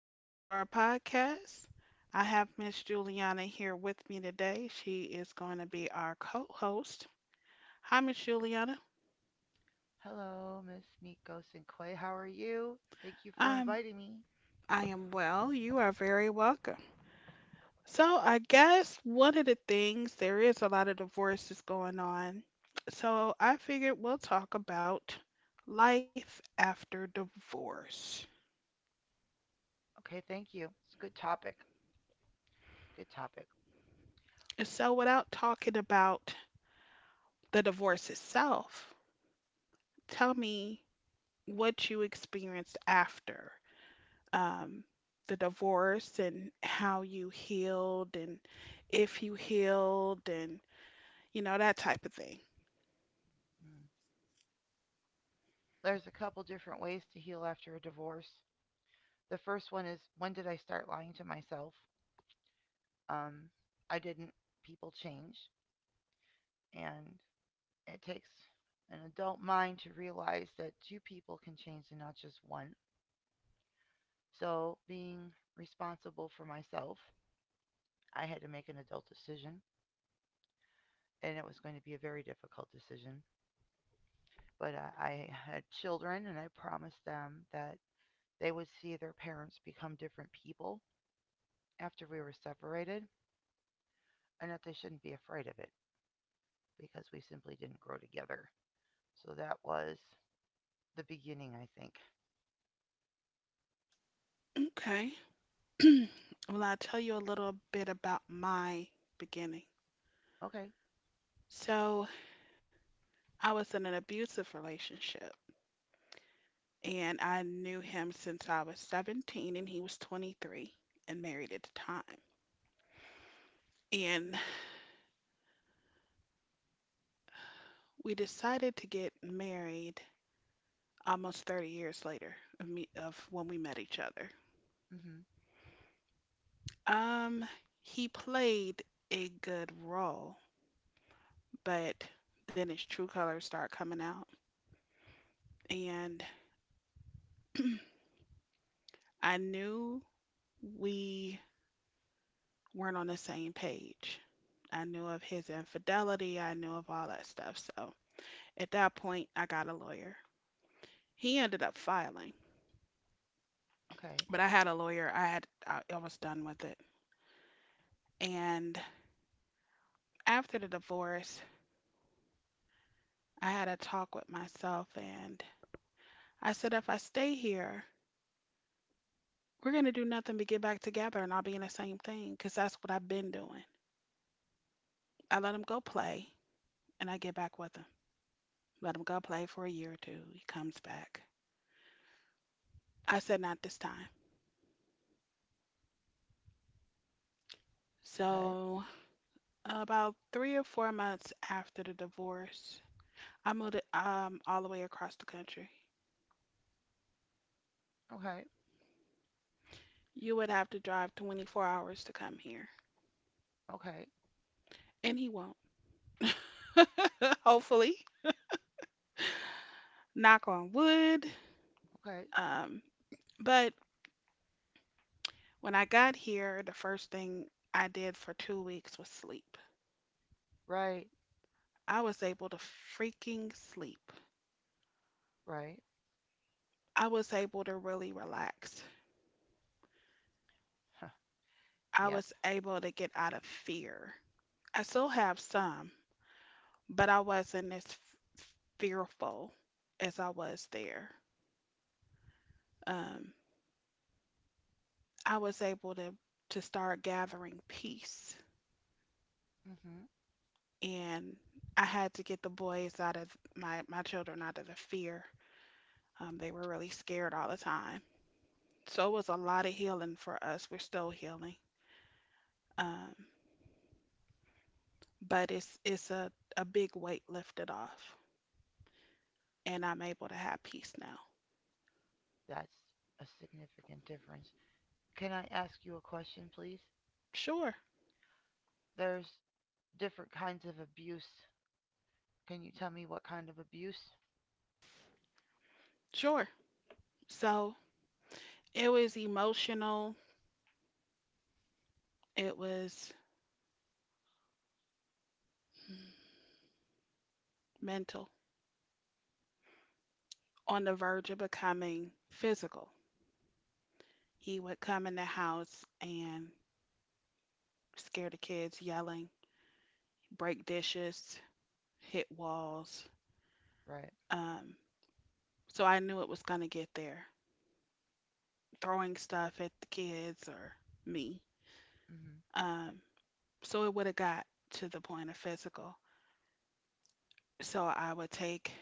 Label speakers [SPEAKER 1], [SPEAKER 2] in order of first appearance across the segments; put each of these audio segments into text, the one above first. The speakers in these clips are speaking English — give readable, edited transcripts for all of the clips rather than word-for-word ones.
[SPEAKER 1] Welcome to our podcast. I have Miss Juliana here with me today. She is going to be our co-host. Hi, Miss Juliana.
[SPEAKER 2] Hello, Miss Meat Ghost and Clay. How are you? Thank you for
[SPEAKER 1] I'm
[SPEAKER 2] inviting me.
[SPEAKER 1] I am well. You are very welcome. So, I guess one of the things there is a lot of divorces going on. So, I figured we'll talk about life after divorce.
[SPEAKER 2] Okay, thank you. It's a good topic. Good topic.
[SPEAKER 1] So, without talking about the divorce itself, tell me what you experienced after um, the divorce and how you healed and if you healed and you know that type of thing.
[SPEAKER 2] Mm. There's a couple different ways to heal after a divorce. The first one is when did I start lying to myself? Um, I didn't. People change, and it takes an adult mind to realize that two people can change and not just one. So, being responsible for myself, I had to make an adult decision, and it was going to be a very difficult decision. But I had children and I promised them that they would see their parents become different people after we were separated and that they shouldn't be afraid of it because we simply didn't grow together. So that was the beginning, I think.
[SPEAKER 1] Okay. Well, I'll tell you a little bit about my beginning.
[SPEAKER 2] Okay.
[SPEAKER 1] So, I was in an abusive relationship and I knew him since I was 17 and he was 23 and married at the time. And we decided to get married almost 30 years later of when we met each other.
[SPEAKER 2] Mhm.
[SPEAKER 1] Um, he played a good role, but then his true colors start coming out, and I knew we weren't on the same page. I knew of his infidelity, I knew of all that stuff. So at that point, I got a lawyer. He ended up filing,
[SPEAKER 2] Okay.
[SPEAKER 1] but I had a lawyer. I was done with it. And after the divorce, I had a talk with myself and I said, if I stay here, we're going to do nothing but get back together and I'll be in the same thing because that's what I've been doing. I let him go play and I get back with him. Let him go play for a year or two. He comes back. I said, not this time.
[SPEAKER 2] Okay.
[SPEAKER 1] So, about 3 or 4 months after the divorce, I moved all the way across the country.
[SPEAKER 2] Okay.
[SPEAKER 1] You would have to drive 24 hours to come here,
[SPEAKER 2] Okay.
[SPEAKER 1] and he won't. Hopefully, knock on wood.
[SPEAKER 2] Okay.
[SPEAKER 1] Um, but when I got here, the first thing I did for 2 weeks was sleep.
[SPEAKER 2] Right.
[SPEAKER 1] I was able to freaking sleep.
[SPEAKER 2] Right.
[SPEAKER 1] I was able to really relax.
[SPEAKER 2] Huh.
[SPEAKER 1] I
[SPEAKER 2] Yep.
[SPEAKER 1] was able to get out of fear. I still have some, but I wasn't as fearful as I was there. Um, I was able to start gathering peace,
[SPEAKER 2] Mhm.
[SPEAKER 1] and I had to get the boys out of my children out of the fear. They were really scared all the time. So it was a lot of healing for us. We're still healing. Um, but it's a big weight lifted off and I'm able to have peace now.
[SPEAKER 2] That's a significant difference. Can I ask you a question, please?
[SPEAKER 1] Sure,
[SPEAKER 2] There's different kinds of abuse. Can you tell me what kind of abuse?
[SPEAKER 1] sure. So it was emotional, it was mental, on the verge of becoming physical. He would come in the house and scare the kids, yelling, break dishes, hit walls.
[SPEAKER 2] Right.
[SPEAKER 1] Um, so I knew it was going to get there, throwing stuff at the kids or me.
[SPEAKER 2] Mm-hmm.
[SPEAKER 1] Um, so it would have got to the point of physical. So I would take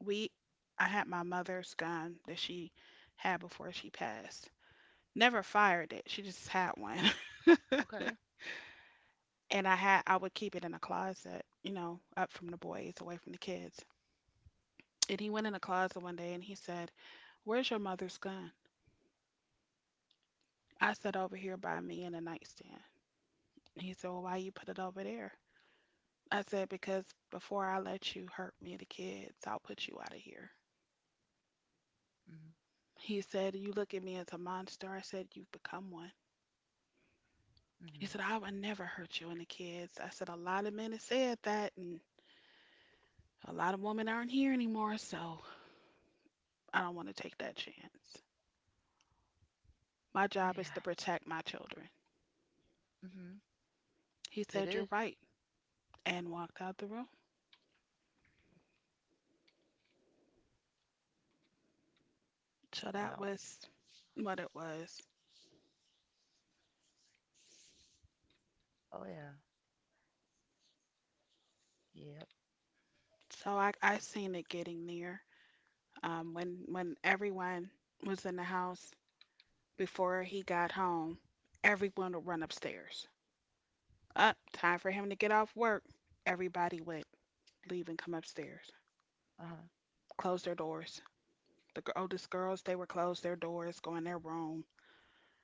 [SPEAKER 1] we I had my mother's gun that she had before she passed. Never fired it. She just had one.
[SPEAKER 2] Okay.
[SPEAKER 1] And I would keep it in a closet, you know, up from the boys, away from the kids. And he went in the closet one day and he said, Where's your mother's gun? I said over here by me in the nightstand. And he said, Well, why you put it over there? I said, because before I let you hurt me and the kids, I'll put you out of here.
[SPEAKER 2] Mm-hmm.
[SPEAKER 1] He said, You look at me as a monster. I said, You've become one. He
[SPEAKER 2] Mm-hmm.
[SPEAKER 1] said, I would never hurt you and the kids. I said, a lot of men have said that, and a lot of women aren't here anymore, so I don't want to take that chance. My
[SPEAKER 2] Oh
[SPEAKER 1] job
[SPEAKER 2] yeah.
[SPEAKER 1] is to protect my children.
[SPEAKER 2] Mm-hmm.
[SPEAKER 1] He
[SPEAKER 2] It
[SPEAKER 1] said, You're
[SPEAKER 2] is.
[SPEAKER 1] right, and walked out the room. So
[SPEAKER 2] Well.
[SPEAKER 1] that was what it was.
[SPEAKER 2] Oh yeah. Yep.
[SPEAKER 1] So I seen it getting near. When everyone was in the house before he got home, everyone would run upstairs. Up, time for him to get off work. Everybody went, leave and come upstairs.
[SPEAKER 2] Uh-huh.
[SPEAKER 1] Close their doors. The oldest girls, they would close their doors, go in their room.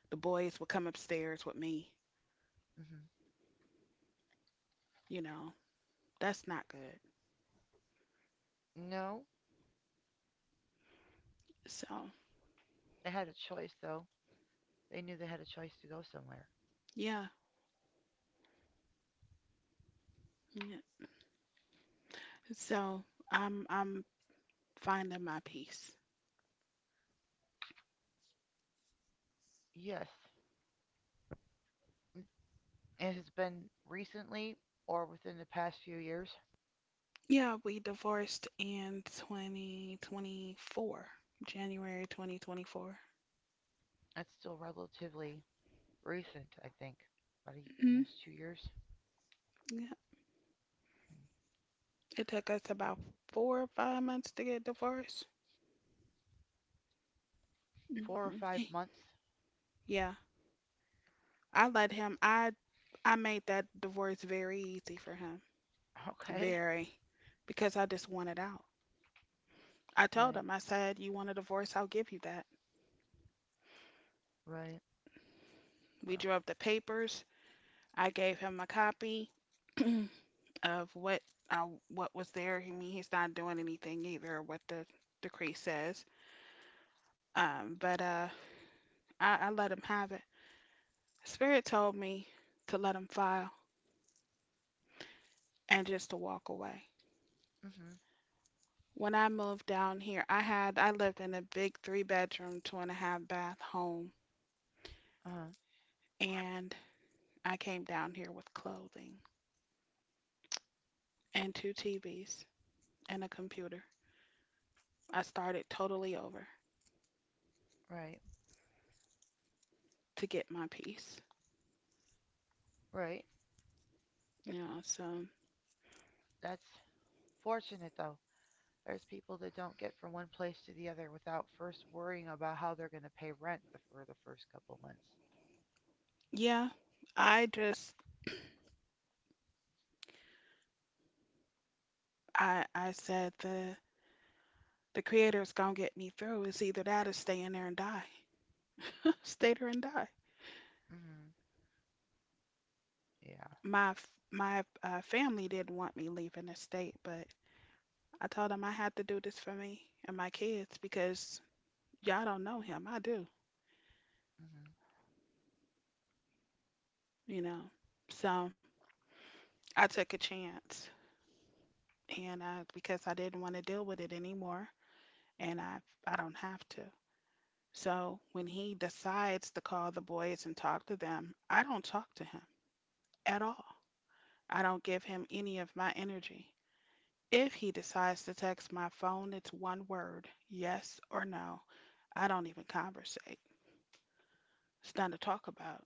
[SPEAKER 1] The boys would come upstairs with me.
[SPEAKER 2] Mm-hmm.
[SPEAKER 1] You know, that's not good.
[SPEAKER 2] No.
[SPEAKER 1] So,
[SPEAKER 2] They had a choice though. They knew they had a choice to go somewhere.
[SPEAKER 1] yeah. Yeah. So, I'm finding my peace.
[SPEAKER 2] Yes. It has been recently or within the past few years.
[SPEAKER 1] Yeah, we divorced in 2024, January 2024.
[SPEAKER 2] It's still relatively recent, I think. About a,
[SPEAKER 1] Hmm.
[SPEAKER 2] almost 2 years.
[SPEAKER 1] Yeah.
[SPEAKER 2] Mm.
[SPEAKER 1] It took us about 4 or 5 months to get divorced.
[SPEAKER 2] Four or five
[SPEAKER 1] Hmm.
[SPEAKER 2] months.
[SPEAKER 1] Yeah. I let him I made that divorce very easy for him.
[SPEAKER 2] Okay.
[SPEAKER 1] Very, because I just wanted out. I told
[SPEAKER 2] Right.
[SPEAKER 1] him, I said, You want a divorce, I'll give you that.
[SPEAKER 2] Right.
[SPEAKER 1] We
[SPEAKER 2] Oh.
[SPEAKER 1] drew up the papers. I gave him a copy of what I, what was there. I mean, he's not doing anything either, what the decree says. But I let him have it. Spirit told me to let him file and just to walk away.
[SPEAKER 2] Mm-hmm.
[SPEAKER 1] When I moved down here, I lived in a big three bedroom, two and a half bath home,
[SPEAKER 2] Uh-huh.
[SPEAKER 1] and I came down here with clothing and two TVs and a computer. I started totally over
[SPEAKER 2] Right.
[SPEAKER 1] to get my peace.
[SPEAKER 2] Right.
[SPEAKER 1] You know. So
[SPEAKER 2] That's fortunate, though. There's people that don't get from one place to the other without first worrying about how they're going to pay rent for the first couple months.
[SPEAKER 1] yeah, I just I said the creator's gonna get me through. It's either that or stay in there and die. Stay there and die.
[SPEAKER 2] Hmm. Yeah.
[SPEAKER 1] My f- my family didn't want me leaving the state, but I told him I had to do this for me and my kids because y'all don't know him. I do,
[SPEAKER 2] Hmm.
[SPEAKER 1] you know. So I took a chance and I because I didn't want to deal with it anymore and I don't have to. So when he decides to call the boys and talk to them, I don't talk to him at all. I don't give him any of my energy. If he decides to text my phone, it's one word, yes or no. I don't even conversate. It's nothing to talk about.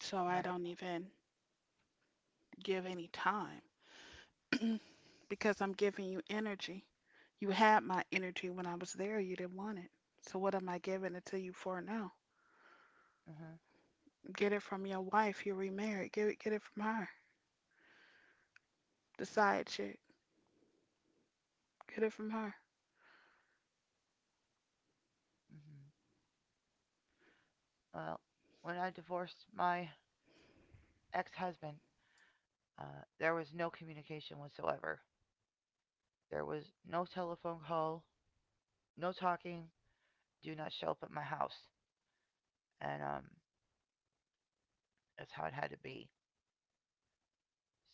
[SPEAKER 1] So I
[SPEAKER 2] Right.
[SPEAKER 1] don't even give any time because I'm giving you energy. You had my energy when I was there. You didn't want it. So what am I giving it to you for now?
[SPEAKER 2] Hmm.
[SPEAKER 1] Get it from your wife. You're remarried. Get it from her. The side chick. Get it from her.
[SPEAKER 2] Hmm. Well, when I divorced my ex-husband, there was no communication whatsoever. There was no telephone call, no talking. Do not show up at my house, and that's how it had to be.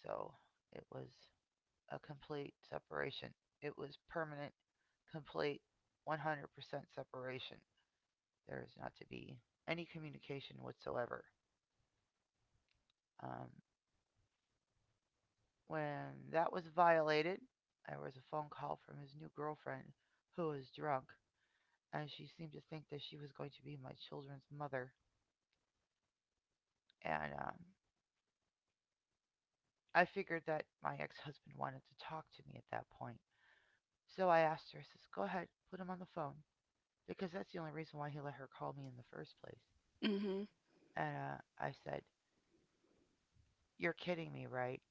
[SPEAKER 2] So it was a complete separation. It was permanent, complete, 100% separation. There is not to be any communication whatsoever. Um, when that was violated, there was a phone call from his new girlfriend who was drunk, and she seemed to think that she was going to be my children's mother. And I figured that my ex husband wanted to talk to me at that point. So I asked her, I says, go ahead, put him on the phone, because that's the only reason why he let her call me in the first place.
[SPEAKER 1] Hmm.
[SPEAKER 2] And I said, You're kidding me, right?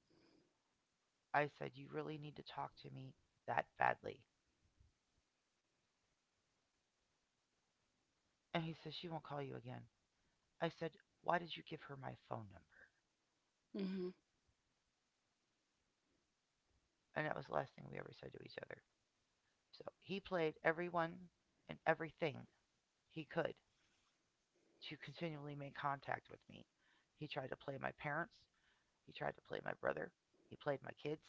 [SPEAKER 2] I said, You really need to talk to me that badly. And he says, She won't call you again. I said, Why did you give her my phone number?
[SPEAKER 1] Hmm.
[SPEAKER 2] And that was the last thing we ever said to each other. So he played everyone and everything he could to continually make contact with me. He tried to play my parents. He tried to play my brother. He played my kids.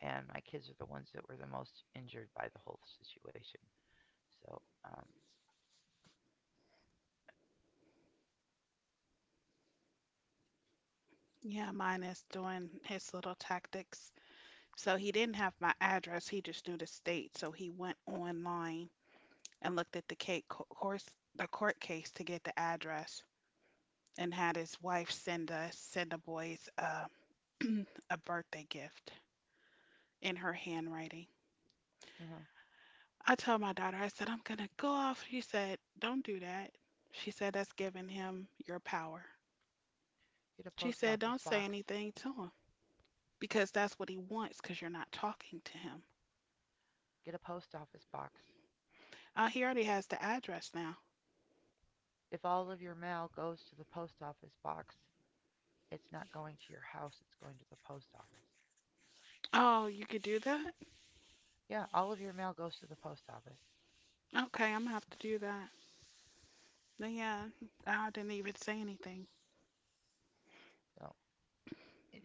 [SPEAKER 2] And my kids are the ones that were the most injured by the whole situation. So,
[SPEAKER 1] Yeah, mine is doing his little tactics. So he didn't have my address. He just knew the state. So he went online and looked at the case, course, the court case to get the address and had his wife send the boys a birthday gift in her handwriting.
[SPEAKER 2] uh-huh.
[SPEAKER 1] I told my daughter, I said, I'm going to go off. She said, Don't do that. She said, That's giving him your power.
[SPEAKER 2] Get a
[SPEAKER 1] She
[SPEAKER 2] post
[SPEAKER 1] said,
[SPEAKER 2] office
[SPEAKER 1] Don't say
[SPEAKER 2] box.
[SPEAKER 1] anything to him because that's what he wants because you're not talking to him.
[SPEAKER 2] Get a post office box.
[SPEAKER 1] Oh, he already has the address now.
[SPEAKER 2] If all of your mail goes to the post office box, it's not going to your house, it's going to the post office.
[SPEAKER 1] Oh, you could do that?
[SPEAKER 2] Yeah, all of your mail goes to the post office.
[SPEAKER 1] Okay, I'm going to have to do that. No. Yeah, I didn't even say anything.
[SPEAKER 2] So, it,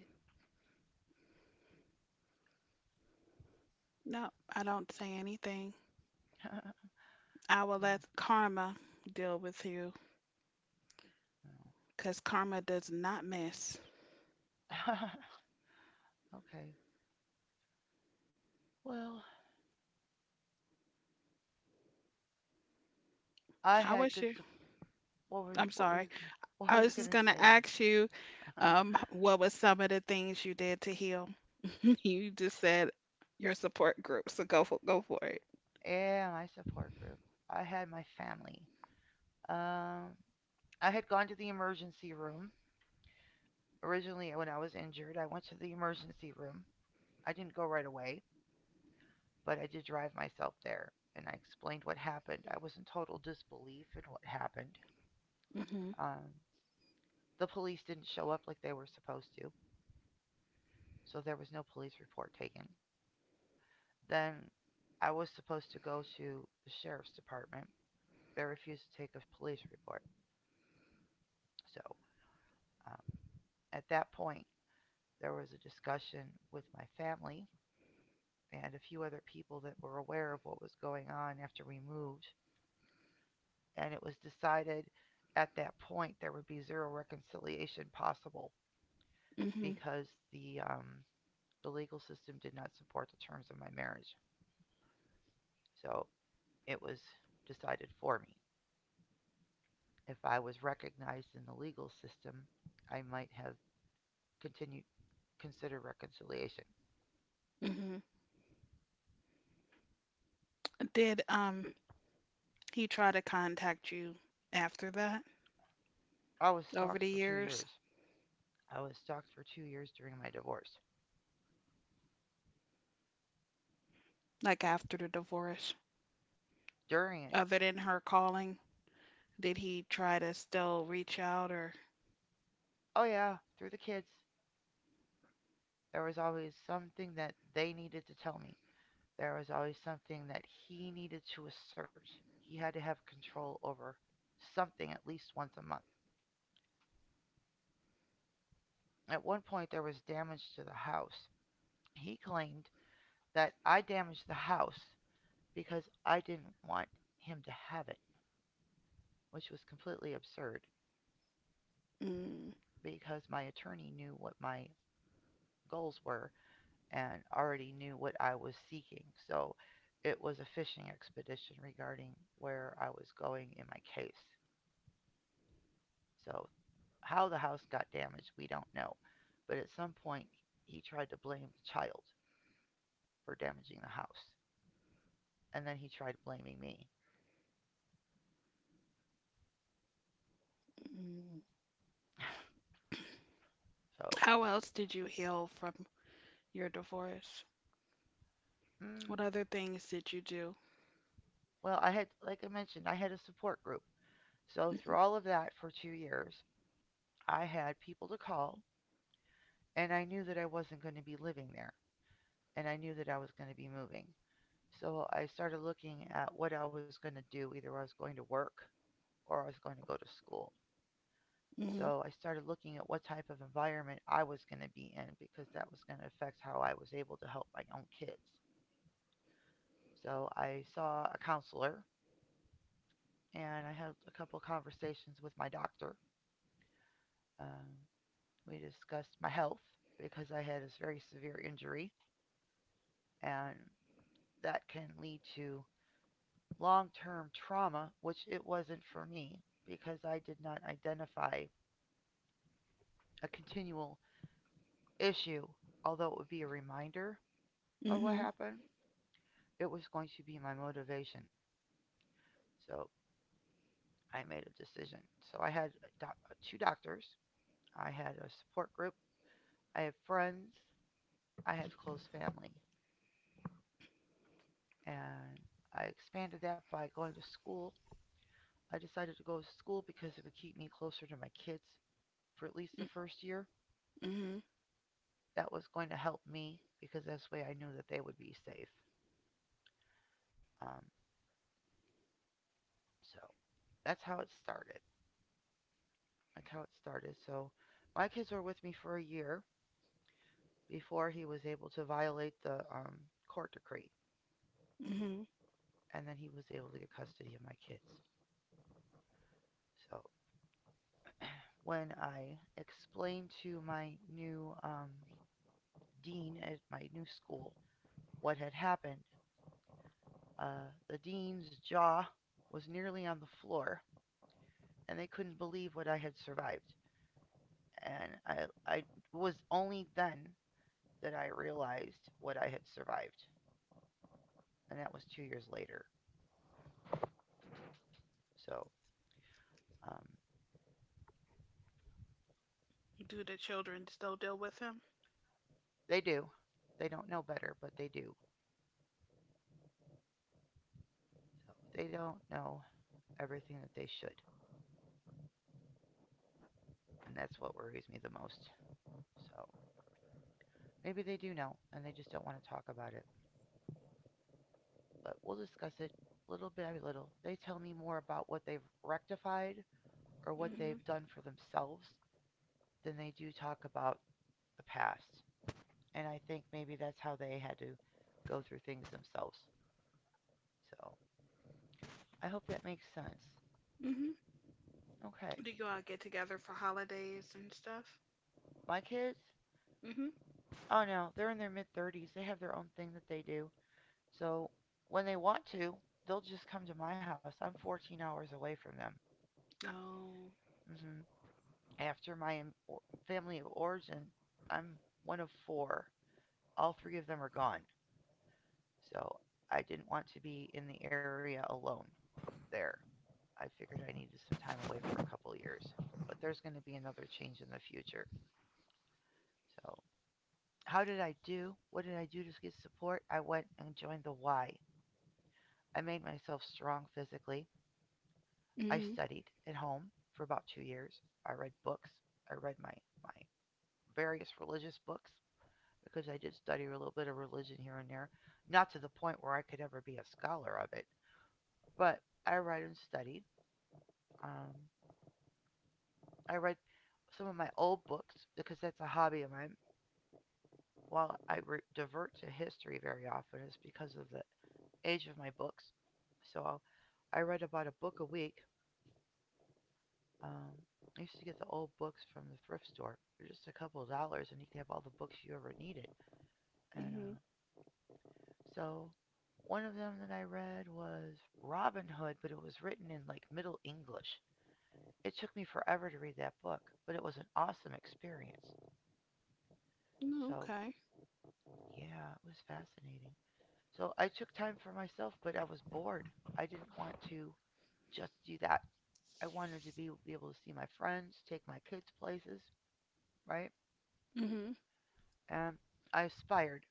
[SPEAKER 1] No, I don't say anything. I will let
[SPEAKER 2] no,
[SPEAKER 1] karma deal with you
[SPEAKER 2] no.
[SPEAKER 1] because karma does not miss.
[SPEAKER 2] Okay. Well, I
[SPEAKER 1] I
[SPEAKER 2] had
[SPEAKER 1] wish
[SPEAKER 2] good
[SPEAKER 1] you.
[SPEAKER 2] support.
[SPEAKER 1] I'm
[SPEAKER 2] What were
[SPEAKER 1] sorry.
[SPEAKER 2] you what were
[SPEAKER 1] I
[SPEAKER 2] you
[SPEAKER 1] was just
[SPEAKER 2] gonna
[SPEAKER 1] gonna
[SPEAKER 2] say?
[SPEAKER 1] ask you, what was some of the things you did to heal? You just said your support group, so go for it.
[SPEAKER 2] Yeah, my support group. I had my family. Um, I had gone to the emergency room. Originally, when I was injured, I went to the emergency room. I didn't go right away, but I did drive myself there. And I explained what happened. I was in total disbelief in what happened.
[SPEAKER 1] Hmm.
[SPEAKER 2] Um, the police didn't show up like they were supposed to, so there was no police report taken. Then I was supposed to go to the sheriff's department. They refused to take a police report. So um, at that point, there was a discussion with my family and a few other people that were aware of what was going on after we moved. And it was decided at that point there would be zero reconciliation possible
[SPEAKER 1] Hmm.
[SPEAKER 2] because the the legal system did not support the terms of my marriage. So it was decided for me. If I was recognized in the legal system, I might have continued consider reconciliation.
[SPEAKER 1] Hmm. Did he try to contact you after that,
[SPEAKER 2] I was
[SPEAKER 1] over
[SPEAKER 2] stalked
[SPEAKER 1] the
[SPEAKER 2] for two
[SPEAKER 1] years,
[SPEAKER 2] years. I was stalked for 2 years during my divorce.
[SPEAKER 1] like after the divorce,
[SPEAKER 2] During it,
[SPEAKER 1] other than her calling? Did he try to still reach out or
[SPEAKER 2] oh yeah, through the kids, there was always something that they needed to tell me. There was always something that he needed to assert. He had to have control over something at least once a month. At one point, there was damage to the house. He claimed that I damaged the house because I didn't want him to have it, which was completely absurd
[SPEAKER 1] mm.
[SPEAKER 2] because my attorney knew what my goals were and already knew what I was seeking. So it was a fishing expedition regarding where I was going in my case. So how the house got damaged, we don't know. But at some point, he tried to blame the child for damaging the house. And then he tried blaming me.
[SPEAKER 1] Mm.
[SPEAKER 2] So,
[SPEAKER 1] How else did you heal from your divorce? What
[SPEAKER 2] mm,
[SPEAKER 1] other things did you do?
[SPEAKER 2] well, I had, like I mentioned, I had a support group. So, through all of that for 2 years, I had people to call, and I knew that I wasn't going to be living there, and I knew that I was going to be moving. So, I started looking at what I was going to do. Either I was going to work or I was going to go to school.
[SPEAKER 1] Mhm.
[SPEAKER 2] So I started looking at what type of environment I was going to be in because that was going to affect how I was able to help my own kids. So I saw a counselor and I had a couple of conversations with my doctor. Um, we discussed my health because I had this very severe injury and that can lead to long term trauma, which it wasn't for me because I did not identify a continual issue, although it would be a reminder of what
[SPEAKER 1] Hmm.
[SPEAKER 2] happened it was going to be my motivation. So I made a decision. So I had two doctors, I had a support group, I had friends, I had close family, and I expanded that by going to school. I decided to go to school because it would keep me closer to my kids for at least the first year.
[SPEAKER 1] Mm-hmm.
[SPEAKER 2] That was going to help me because that's the way I knew that they would be safe. Um, so that's how it started. That's how it started. So my kids were with me for a year, before he was able to violate the court decree.
[SPEAKER 1] Mm-hmm.
[SPEAKER 2] And then he was able to get custody of my kids. So when I explained to my new dean at my new school what had happened, the dean's jaw was nearly on the floor, and they couldn't believe what I had survived. And I was only then that I realized what I had survived, and that was 2 years later. So um,
[SPEAKER 1] Do the children still deal with him?
[SPEAKER 2] they do. They don't know better, but they do. So they don't know everything that they should. And that's what worries me the most. So maybe they do know and they just don't want to talk about it. But we'll discuss it little by little. They tell me more about what they've rectified or what they've
[SPEAKER 1] Mm-hmm.
[SPEAKER 2] done for themselves than they do talk about the past. And I think maybe that's how they had to go through things themselves. So I hope that makes sense.
[SPEAKER 1] Mm-hmm.
[SPEAKER 2] Okay.
[SPEAKER 1] Do you all get together for holidays and stuff?
[SPEAKER 2] My kids?
[SPEAKER 1] Mm-hmm.
[SPEAKER 2] Oh no, they're in their mid 30s. They have their own thing that they do. So when they want to, they'll just come to my house. I'm 14 hours away from them.
[SPEAKER 1] Oh.
[SPEAKER 2] Hmm. After my family of origin, I'm one of four. All 3 of them are gone. So I didn't want to be in the area alone there. I figured I needed some time away for a couple years. But there's going to be another change in the future. So, how did I do? What did I do to get support? I went and joined the Y. I made myself strong physically. I
[SPEAKER 1] Mm-hmm.
[SPEAKER 2] studied at home for about 2 years. I read books. I read my various religious books because I did study a little bit of religion here and there. Not to the point where I could ever be a scholar of it, but I read and studied. Um, I read some of my old books because that's a hobby of mine. While I divert to history very often, it's because of the age of my books. So I read about a book a week. Um, I used to get the old books from the thrift store for just a couple of dollars, and you could have all the books you ever needed. And
[SPEAKER 1] Mm-hmm.
[SPEAKER 2] so one of them that I read was Robin Hood, but it was written in like Middle English. It took me forever to read that book, but it was an awesome experience. So,
[SPEAKER 1] Okay.
[SPEAKER 2] yeah, it was fascinating. So, I took time for myself, but I was bored. I didn't want to just do that. I wanted to be able to see my friends, take my kids places, right?
[SPEAKER 1] Mm-hmm.
[SPEAKER 2] And I aspired.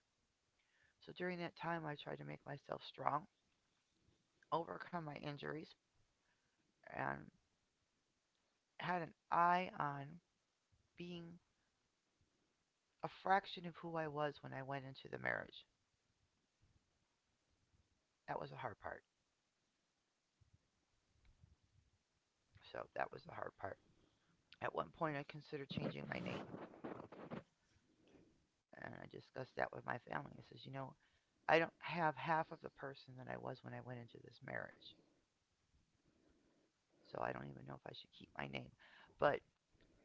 [SPEAKER 2] So during that time, I tried to make myself strong, overcome my injuries, and had an eye on being a fraction of who I was when I went into the marriage. That was the hard part. So that was the hard part. At one point, I considered changing my name, and I discussed that with my family. I says, I don't have half of the person that I was when I went into this marriage, so I don't even know if I should keep my name. But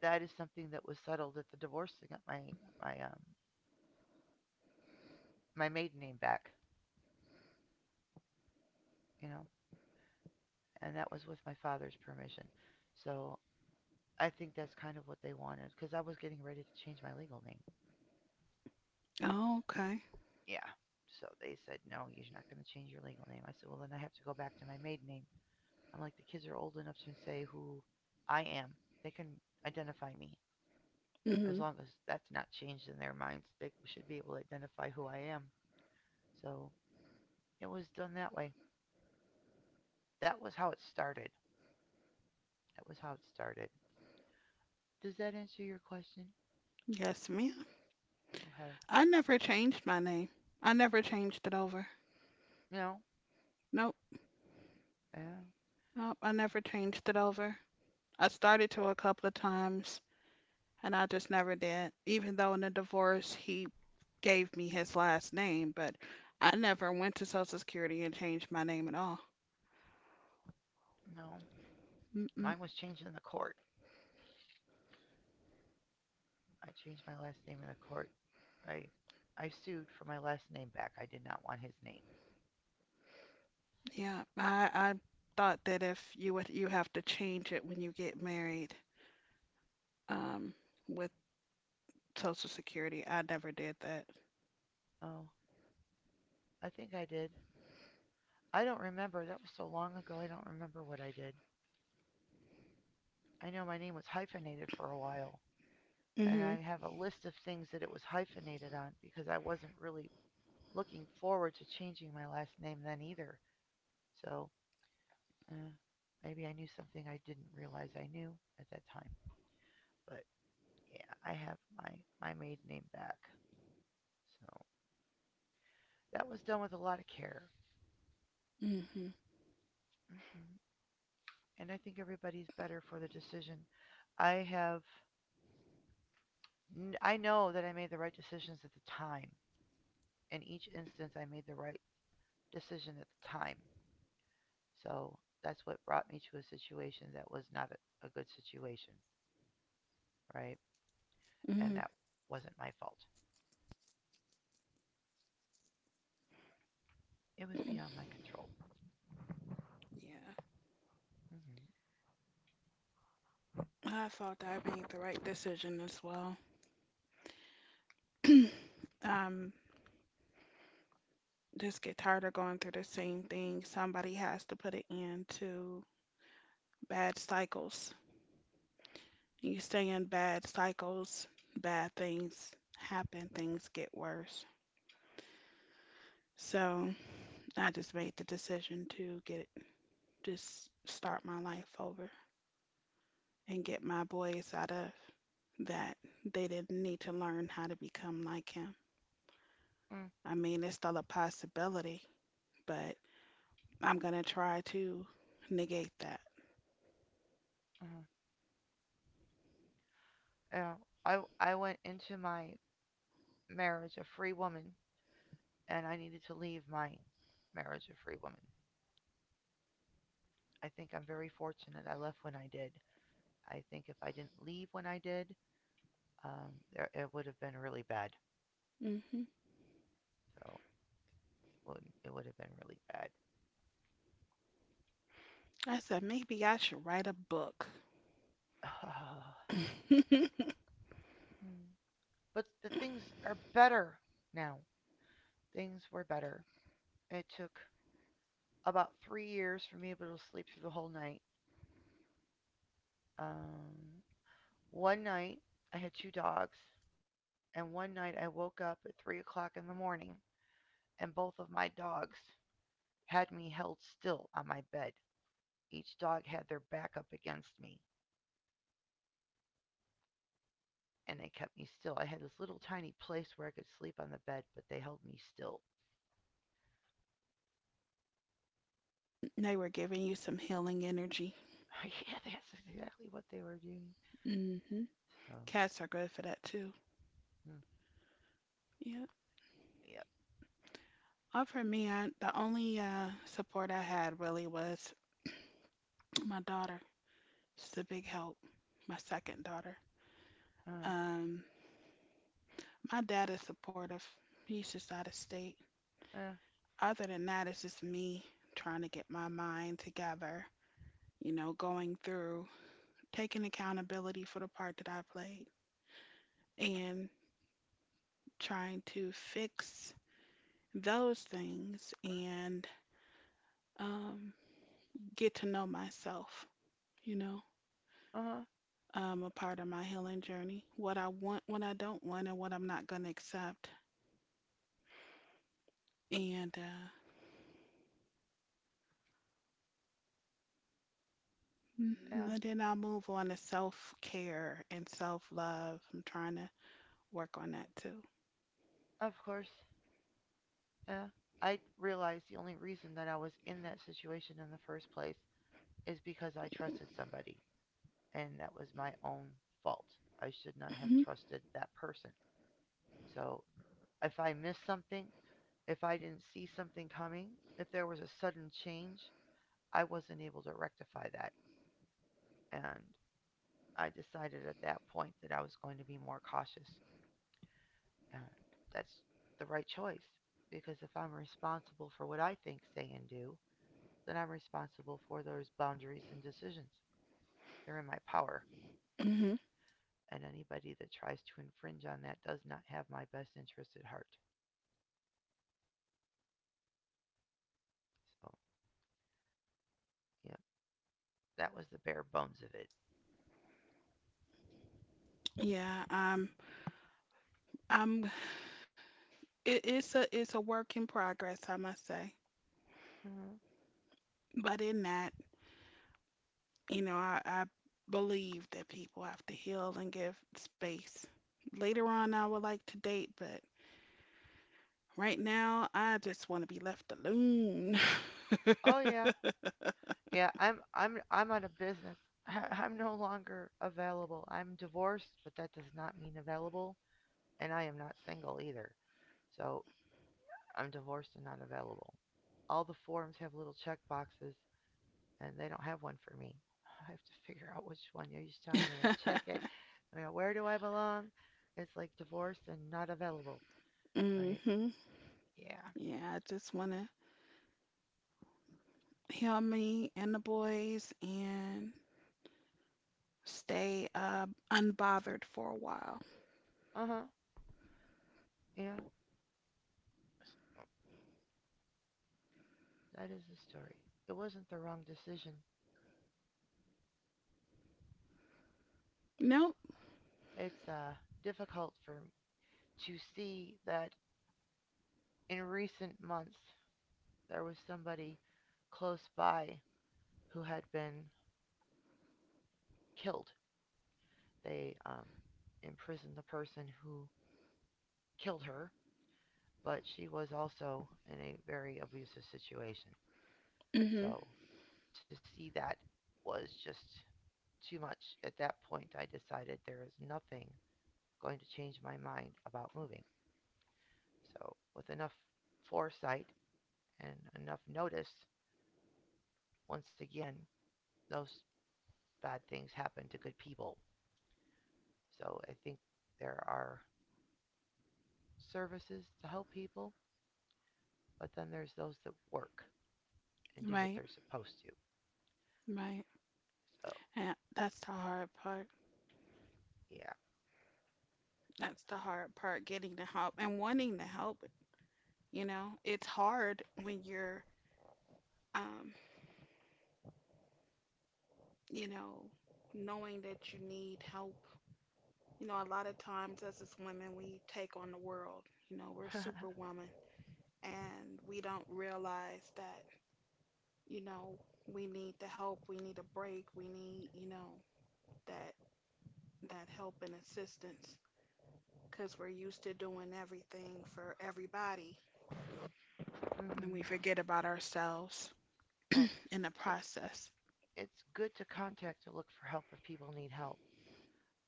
[SPEAKER 2] that is something that was settled at the divorce. I got my um my maiden name back. You know, and that was with my father's permission. So I think that's kind of what they wanted because I was getting ready to change my legal name.
[SPEAKER 1] Oh, okay.
[SPEAKER 2] Yeah. So they said, no, you're not going to change your legal name. I said, well, then I have to go back to my maiden name. I'm like, the kids are old enough to say who I am. They can identify me. As
[SPEAKER 1] Mm-hmm.
[SPEAKER 2] long as that's not changed in their minds, they should be able to identify who I am. So it was done that way. That was how it started. That was how it started. Does that answer your question?
[SPEAKER 1] Yes, ma'am.
[SPEAKER 2] Okay.
[SPEAKER 1] I never changed my name. I never changed it over.
[SPEAKER 2] No.
[SPEAKER 1] Nope.
[SPEAKER 2] Yeah.
[SPEAKER 1] Nope. I never changed it over. I started to a couple of times, and I just never did. Even though in the divorce he gave me his last name, but I never went to Social Security and changed my name at all.
[SPEAKER 2] No.
[SPEAKER 1] Mm-mm.
[SPEAKER 2] Mine was changed in the court. I changed my last name in the court. I I sued for my last name back. I did not want his name.
[SPEAKER 1] Yeah, I thought that if you would you have to change it when you get married, um, with Social Security, I never did that.
[SPEAKER 2] Oh, I think I did. I don't remember. That was so long ago. I don't remember what I did. I know my name was hyphenated for a while, and
[SPEAKER 1] Mhm.
[SPEAKER 2] I have a list of things that it was hyphenated on because I wasn't really looking forward to changing my last name then either. So, uh, maybe I knew something I didn't realize I knew at that time. But yeah, I have my maiden name back. So, that was done with a lot of care.
[SPEAKER 1] Mhm.
[SPEAKER 2] hmm And I think everybody's better for the decision. I have, I know that I made the right decisions at the time. In each instance, I made the right decision at the time. So that's what brought me to a situation that was not a good situation, right? And
[SPEAKER 1] Mhm.
[SPEAKER 2] that wasn't my fault. It was
[SPEAKER 1] Mhm.
[SPEAKER 2] beyond my control.
[SPEAKER 1] Yeah,
[SPEAKER 2] hmm
[SPEAKER 1] I thought that I made the right decision as well. um, just get tired of going through the same thing. Somebody has to put an end to bad cycles. You stay in bad cycles, bad things happen, things get worse. So I just made the decision to get just start my life over and get my boys out of that. They didn't need to learn how to become like him.
[SPEAKER 2] mm
[SPEAKER 1] I mean, it's still a possibility, but I'm gonna try to negate that.
[SPEAKER 2] uh-huh. Yeah, I went into my marriage a free woman, and I needed to leave my marriage a free woman. I think I'm very fortunate I left when I did. I think if I didn't leave when I did, it would have been really bad.
[SPEAKER 1] Hmm.
[SPEAKER 2] So it would have been really bad.
[SPEAKER 1] I said maybe I should write a book.
[SPEAKER 2] But the things are better now. Things were better. It took about 3 years for me to be able to sleep through the whole night. Um, one night I had two dogs, and one night I woke up at 3 o'clock in the morning, and both of my dogs had me held still on my bed. Each dog had their back up against me, and they kept me still. I had this little tiny place where I could sleep on the bed, but they held me still.
[SPEAKER 1] They were giving you some healing energy.
[SPEAKER 2] Yeah, that's exactly what they were doing.
[SPEAKER 1] hmm
[SPEAKER 2] So,
[SPEAKER 1] Cats are good for that too.
[SPEAKER 2] hmm,
[SPEAKER 1] Yeah.
[SPEAKER 2] yep.
[SPEAKER 1] For me, I the only support I had really was my daughter. She's a big help. My second daughter.
[SPEAKER 2] Uh,
[SPEAKER 1] Um, my dad is supportive. He's just out of state.
[SPEAKER 2] yeah,
[SPEAKER 1] Other than that, it's just me trying to get my mind together. You know, going through, taking accountability for the part that I played, and trying to fix those things and um, get to know myself. You know.
[SPEAKER 2] uh, huh,
[SPEAKER 1] A part of my healing journey, what I want, what I don't want, and what I'm not going to accept. And
[SPEAKER 2] yeah,
[SPEAKER 1] mhm, then I'll move on to self care and self love. I'm trying to work on that too.
[SPEAKER 2] of course. Yeah. I realized the only reason that I was in that situation in the first place is because I trusted somebody, and that was my own fault. I should not have
[SPEAKER 1] hmm
[SPEAKER 2] trusted that person. So if I missed something, if I didn't see something coming, if there was a sudden change, I wasn't able to rectify that. And I decided at that point that I was going to be more cautious. And that's the right choice because if I'm responsible for what I think, say, and do, then I'm responsible for those boundaries and decisions. They're in my power.
[SPEAKER 1] hmm
[SPEAKER 2] And anybody that tries to infringe on that does not have my best interest at heart. So, yeah, that was the bare bones of it.
[SPEAKER 1] Yeah, I'm. It's a work in progress, I must say.
[SPEAKER 2] Mhm.
[SPEAKER 1] But in that, you know, I believe that people have to heal and give space. Later on, I would like to date, but right now, I just want to be left alone.
[SPEAKER 2] Oh, yeah. Yeah, I'm out of business. I'm no longer available. I'm divorced, but that does not mean available, and I am not single either. So, I'm divorced and not available. All the forms have little check boxes, and they don't have one for me. I have to figure out which one each time, and I check it. I go, where do I belong? It's like divorced and not available, right?
[SPEAKER 1] hmm
[SPEAKER 2] Yeah.
[SPEAKER 1] Yeah, I just want to heal me and the boys and stay unbothered for a while.
[SPEAKER 2] Uh huh. Yeah. That is the story. It wasn't the wrong decision.
[SPEAKER 1] Nope.
[SPEAKER 2] It's difficult for to see that in recent months there was somebody close by who had been killed. They imprisoned the person who killed her, but she was also in a very abusive situation.
[SPEAKER 1] hmm
[SPEAKER 2] So to see that was just too much. At that point, I decided there is nothing going to change my mind about moving. So with enough foresight and enough notice, once again, those bad things happen to good people. So I think there are services to help people, but then there's those that work and do what
[SPEAKER 1] Right,
[SPEAKER 2] they're supposed to.
[SPEAKER 1] right.
[SPEAKER 2] So
[SPEAKER 1] Yeah, that's the hard part.
[SPEAKER 2] yeah.
[SPEAKER 1] That's the hard part, getting the help and wanting the help. You know, it's hard when you're, um, you know, Knowing that you need help. You know, a lot of times as women, we take on the world. You know, we're superwoman. And we don't realize that, you know, we need the help, we need a break, we need, you know, that help and assistance, because we're used to doing everything for everybody and we
[SPEAKER 2] hmm
[SPEAKER 1] forget about ourselves
[SPEAKER 2] Well,
[SPEAKER 1] in the
[SPEAKER 2] so
[SPEAKER 1] process.
[SPEAKER 2] it's good to contact to look for help if people need help,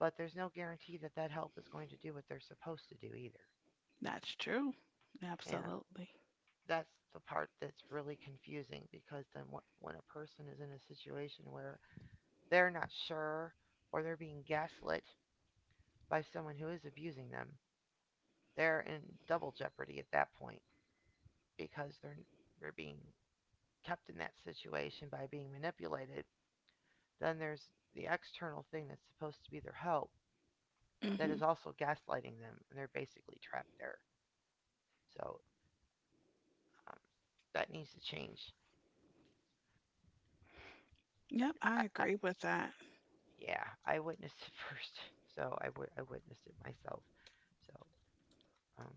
[SPEAKER 2] but there's no guarantee that that help is going to do what they're supposed to do either.
[SPEAKER 1] That's true,
[SPEAKER 2] And
[SPEAKER 1] absolutely.
[SPEAKER 2] that's the part that's really confusing because then when a person is in a situation where they're not sure or they're being gaslit by someone who is abusing them, they're in double jeopardy at that point because they're being kept in that situation by being manipulated. Then there's the external thing that's supposed to be their help that
[SPEAKER 1] hmm
[SPEAKER 2] is also gaslighting them, and they're basically trapped there. So um, that needs to change.
[SPEAKER 1] yep, I
[SPEAKER 2] I, I,
[SPEAKER 1] agree with that.
[SPEAKER 2] yeah, I witnessed it first, so I witnessed it myself. So um,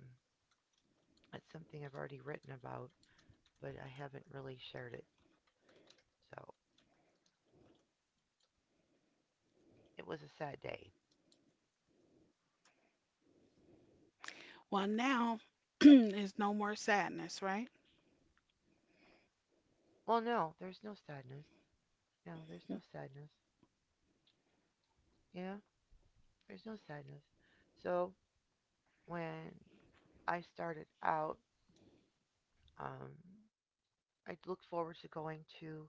[SPEAKER 2] it's something I've already written about, but I haven't really shared it. So it was a sad day.
[SPEAKER 1] Well, now is no more sadness, right?
[SPEAKER 2] Well, no, there's no sadness. No, there's no sadness. You know, there's no sadness. So when I started out, um, I looked forward to going to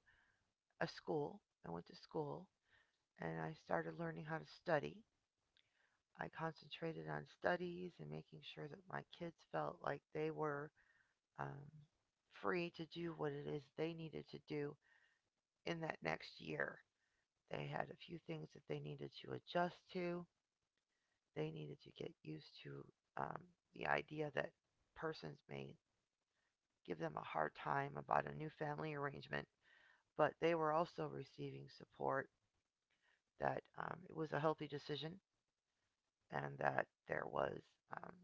[SPEAKER 2] a school. I went to school and I started learning how to study. I concentrated on studies and making sure that my kids felt like they were um, free to do what it is they needed to do in that next year. They had a few things that they needed to adjust to. They needed to get used to um, the idea that persons may give them a hard time about a new family arrangement, but they were also receiving support that it was a healthy decision and that there was um,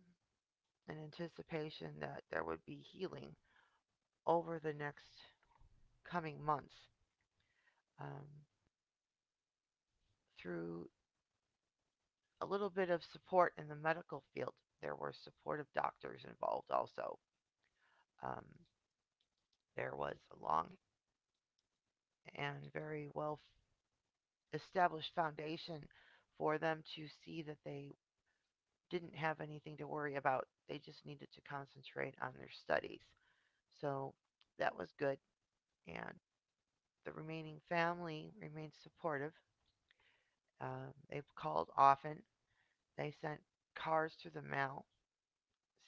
[SPEAKER 2] an anticipation that there would be healing over the next coming months um, through a little bit of support in the medical field. There were supportive doctors involved also. Um, there was a long and very well established foundation for them to see that they didn't have anything to worry about. They just needed to concentrate on their studies. So that was good. And the remaining family remained supportive. They've called often. They sent cars through the mail,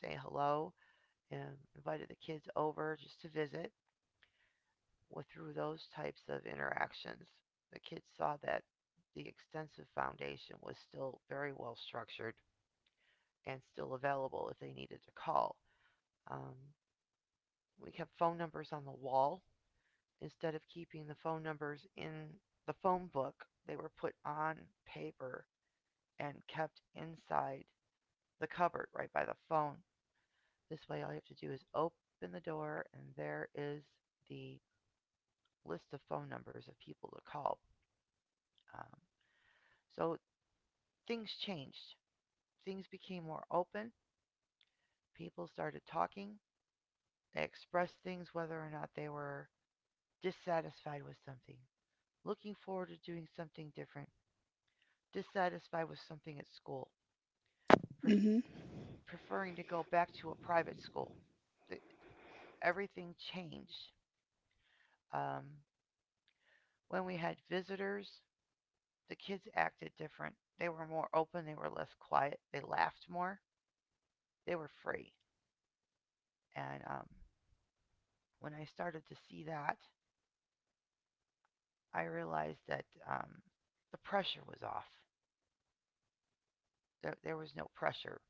[SPEAKER 2] say hello, and invited the kids over just to visit. Well, through those types of interactions, the kids saw that the extensive foundation was still very well structured and still available if they needed to call. Um, we kept phone numbers on the wall instead of keeping the phone numbers in the phone book. They were put on paper and kept inside the cupboard right by the phone. This way, all you have to do is open the door, and there is the list of phone numbers of people to call. Um, so things changed. Things became more open. People started talking. They expressed things, whether or not they were dissatisfied with something, looking forward to doing something different, dissatisfied with something at school, pref-
[SPEAKER 1] hmm
[SPEAKER 2] preferring to go back to a private school. The, everything changed. Um, when we had visitors, the kids acted different. They were more open, they were less quiet, they laughed more, they were free. And when I started to see that, I realized that um, the pressure was off. There was no pressure.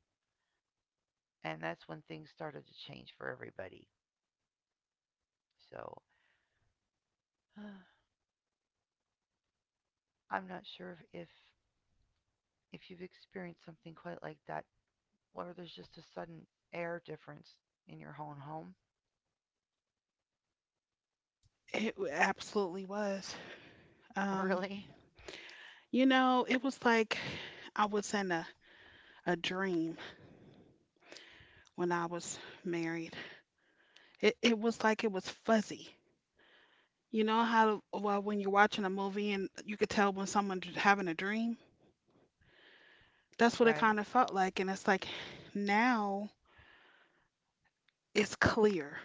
[SPEAKER 2] And that's when things started to change for everybody. So I'm not sure if you've experienced something quite like that, or there's just a sudden air difference in your own home.
[SPEAKER 1] Absolutely was. um
[SPEAKER 2] Really?
[SPEAKER 1] You know, it was like I was in a dream when I was married. It was like it was fuzzy. You know how, well, when you're watching a movie and you could tell when someone's having a dream? That's what it
[SPEAKER 2] Right.
[SPEAKER 1] kind of felt like. And it's like now it's clear.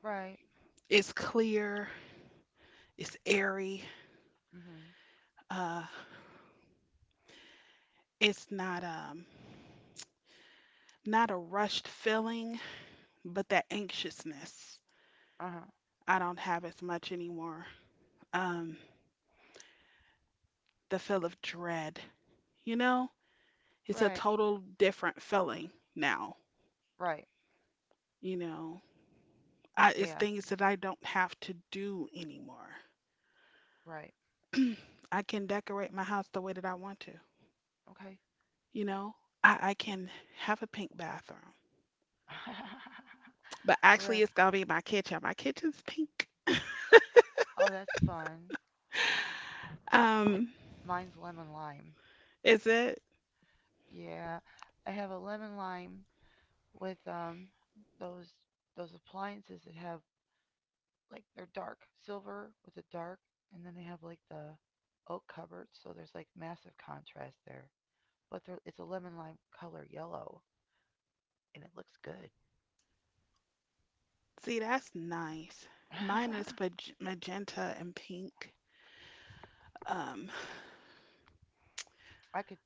[SPEAKER 2] Right.
[SPEAKER 1] It's clear. It's airy.
[SPEAKER 2] Mhm.
[SPEAKER 1] Uh, it's not not a rushed feeling, but that anxiousness.
[SPEAKER 2] Uh huh.
[SPEAKER 1] I don't have as much anymore. Um, the feel of dread. You know, it's a
[SPEAKER 2] Right.
[SPEAKER 1] total different feeling now.
[SPEAKER 2] Right.
[SPEAKER 1] You know, it's
[SPEAKER 2] Yeah.
[SPEAKER 1] things that I don't have to do anymore.
[SPEAKER 2] Right.
[SPEAKER 1] I can decorate my house the way that I want to.
[SPEAKER 2] Okay.
[SPEAKER 1] You know, I can have a pink bathroom, but actually,
[SPEAKER 2] Right.
[SPEAKER 1] it's gonna be my kitchen. My kitchen's pink.
[SPEAKER 2] Oh, that's fun.
[SPEAKER 1] Um,
[SPEAKER 2] Mine's lemon lime.
[SPEAKER 1] is it?
[SPEAKER 2] Yeah, I have a lemon lime with those those appliances that have like they're dark silver with the dark, and then they have like the oak cupboard, so there's like massive contrast there. But they it's a lemon lime color yellow, and it looks good.
[SPEAKER 1] See, that's nice. Mine is magenta and pink. Um,
[SPEAKER 2] I could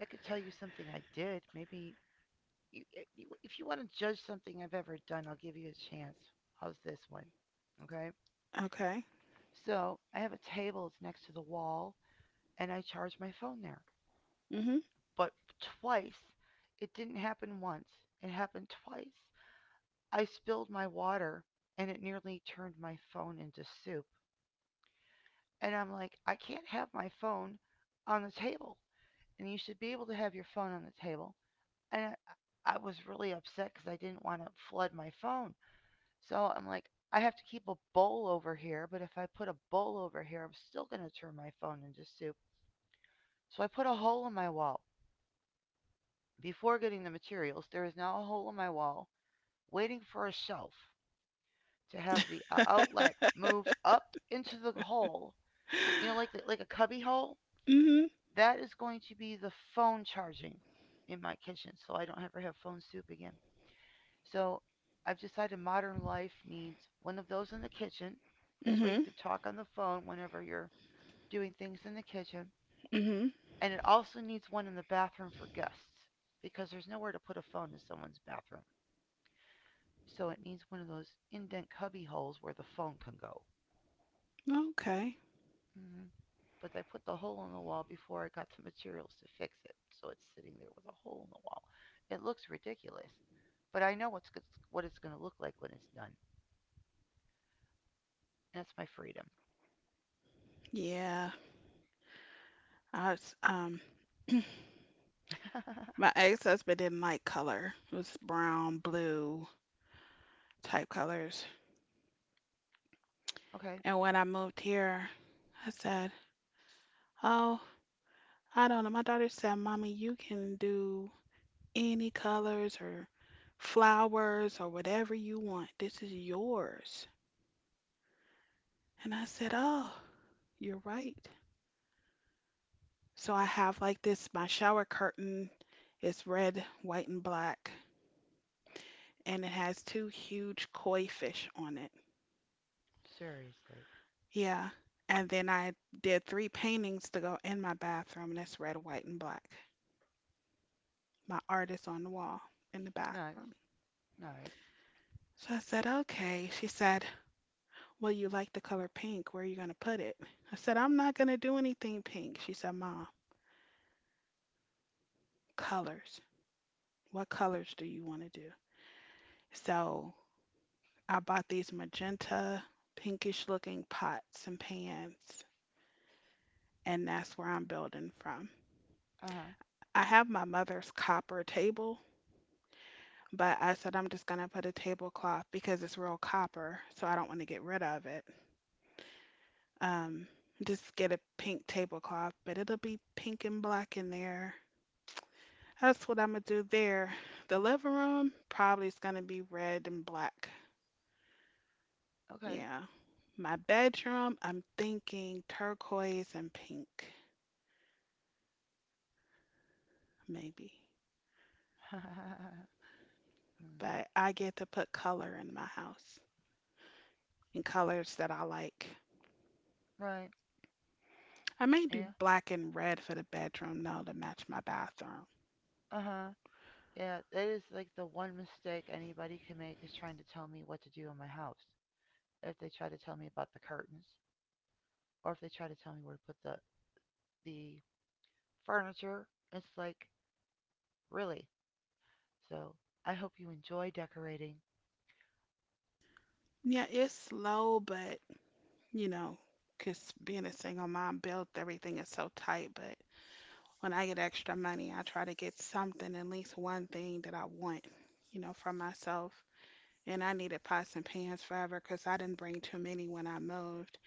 [SPEAKER 2] I could tell you something I did. Maybe you, if you want to judge something I've ever done, I'll give you a chance. How's this one? Okay.
[SPEAKER 1] okay.
[SPEAKER 2] So I have a table. It's next to the wall, and I charge my phone there.
[SPEAKER 1] Mhm.
[SPEAKER 2] But twice, it didn't happen once. It happened twice. I spilled my water and it nearly turned my phone into soup. And I'm like, I can't have my phone on the table. And you should be able to have your phone on the table. And I was really upset because I didn't want to flood my phone. So I'm like, I have to keep a bowl over here, but if I put a bowl over here, I'm still going to turn my phone into soup. So I put a hole in my wall. Before getting the materials, there is now a hole in my wall waiting for a shelf to have the outlet moved up into the hole, you know, like like a cubby hole.
[SPEAKER 1] Mhm.
[SPEAKER 2] That is going to be the phone charging in my kitchen, so I don't ever have phone soup again. So I've decided modern life needs one of those in the kitchen. This way you
[SPEAKER 1] Mhm.
[SPEAKER 2] can talk on the phone whenever you're doing things in the kitchen.
[SPEAKER 1] Mhm.
[SPEAKER 2] And it also needs one in the bathroom for guests because there's nowhere to put a phone in someone's bathroom. So it needs one of those indent cubby holes where the phone can go.
[SPEAKER 1] Okay.
[SPEAKER 2] hmm but I put the hole in the wall before I got the materials to fix it. So it's sitting there with a hole in the wall. It looks ridiculous, but I know what it's going to look like when it's done. And that's my freedom.
[SPEAKER 1] Yeah, I was, my ex-husband didn't like color. It was brown, blue type colors.
[SPEAKER 2] Okay,
[SPEAKER 1] And when I moved here, I said, "Oh, I don't know." My daughter said, "Mommy, you can do any colors or flowers or whatever you want. This is yours." And I said, "Oh, you're right." So I have like this, my shower curtain is red, white, and black, and it has two huge koi fish on it.
[SPEAKER 2] seriously.
[SPEAKER 1] Yeah. And then I did three paintings to go in my bathroom, and it's red, white, and black. My art is on the wall in the bathroom.
[SPEAKER 2] Nice, nice.
[SPEAKER 1] So I said, okay. She said, well, you like the color pink. Where are you going to put it? I said, I'm not going to do anything pink. She said, Mom, colors. What colors do you want to do? So I bought these magenta, pinkish looking pots and pans, and that's where I'm building from.
[SPEAKER 2] Uh huh.
[SPEAKER 1] I have my mother's copper table. But I said I'm just gonna put a tablecloth because it's real copper, so I don't want to get rid of it. Um, just get a pink tablecloth, but it'll be pink and black in there. That's what I'm gonna do there. The living room probably is gonna be red and black.
[SPEAKER 2] Okay.
[SPEAKER 1] Yeah. My bedroom, I'm thinking turquoise and pink, maybe. But I get to put color in my house and colors that I like.
[SPEAKER 2] Right.
[SPEAKER 1] I may do
[SPEAKER 2] Yeah.
[SPEAKER 1] black and red for the bedroom, though, to match my bathroom.
[SPEAKER 2] Uh huh. Yeah, that is like the one mistake anybody can make is trying to tell me what to do in my house. If they try to tell me about the curtains, or if they try to tell me where to put the furniture. It's like, really. So I hope you enjoy decorating.
[SPEAKER 1] Yeah, it's slow, but you know, 'cause being a single mom built everything is so tight. But when I get extra money, I try to get something, at least one thing that I want, you know, for myself. And I needed pots and pans forever 'cause I didn't bring too many when I moved.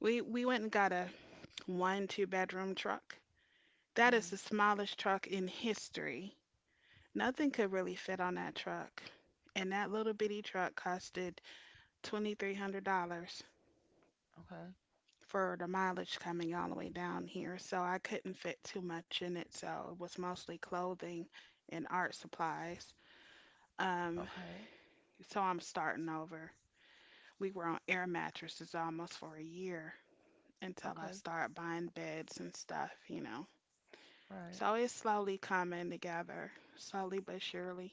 [SPEAKER 1] We went and got a one two bedroom truck. That is
[SPEAKER 2] Mhm.
[SPEAKER 1] the smallest truck in history. Nothing could really fit on that truck. And that little bitty truck costed $2,300
[SPEAKER 2] Okay.
[SPEAKER 1] for the mileage coming all the way down here, so I couldn't fit too much in it. So it was mostly clothing and art supplies. Um,
[SPEAKER 2] Okay.
[SPEAKER 1] so I'm starting over. We were on air mattresses almost for a year until I
[SPEAKER 2] Okay.
[SPEAKER 1] started buying beds and stuff, you know.
[SPEAKER 2] Right.
[SPEAKER 1] So it's slowly coming together, slowly but surely,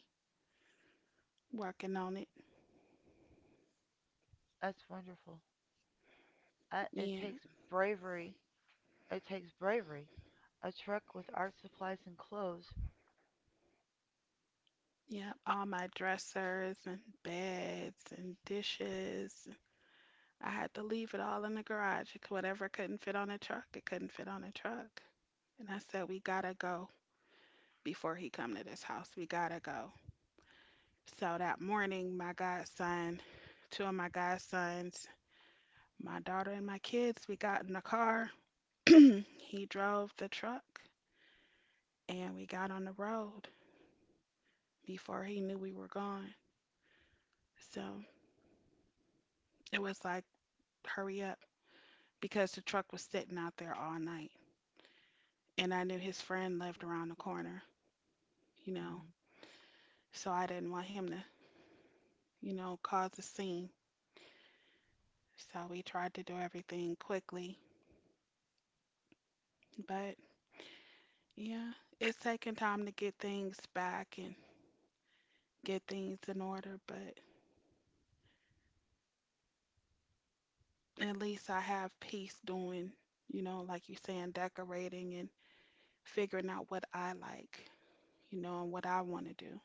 [SPEAKER 1] working on it.
[SPEAKER 2] That's wonderful. It
[SPEAKER 1] Yeah,
[SPEAKER 2] takes bravery. It takes bravery. A truck with art supplies and clothes.
[SPEAKER 1] yeah. All my dressers and beds and dishes, I had to leave it all in the garage. Whatever couldn't fit on a truck, it couldn't fit on a truck. And I said, we gotta go before he come to this house. We gotta go. So that morning, my godson, two of my godsons, my daughter and my kids, we got in the car. He drove the truck and we got on the road before he knew we were gone. So it was like, hurry up because the truck was sitting out there all night. And I knew his friend lived around the corner, you know.
[SPEAKER 2] Mhm.
[SPEAKER 1] So I didn't want him to, you know, cause a scene. So we tried to do everything quickly. But yeah, it's taking time to get things back and get things in order. But at least I have peace doing, you know, like you saying, decorating and figuring out what I like, you know, and what I want to do.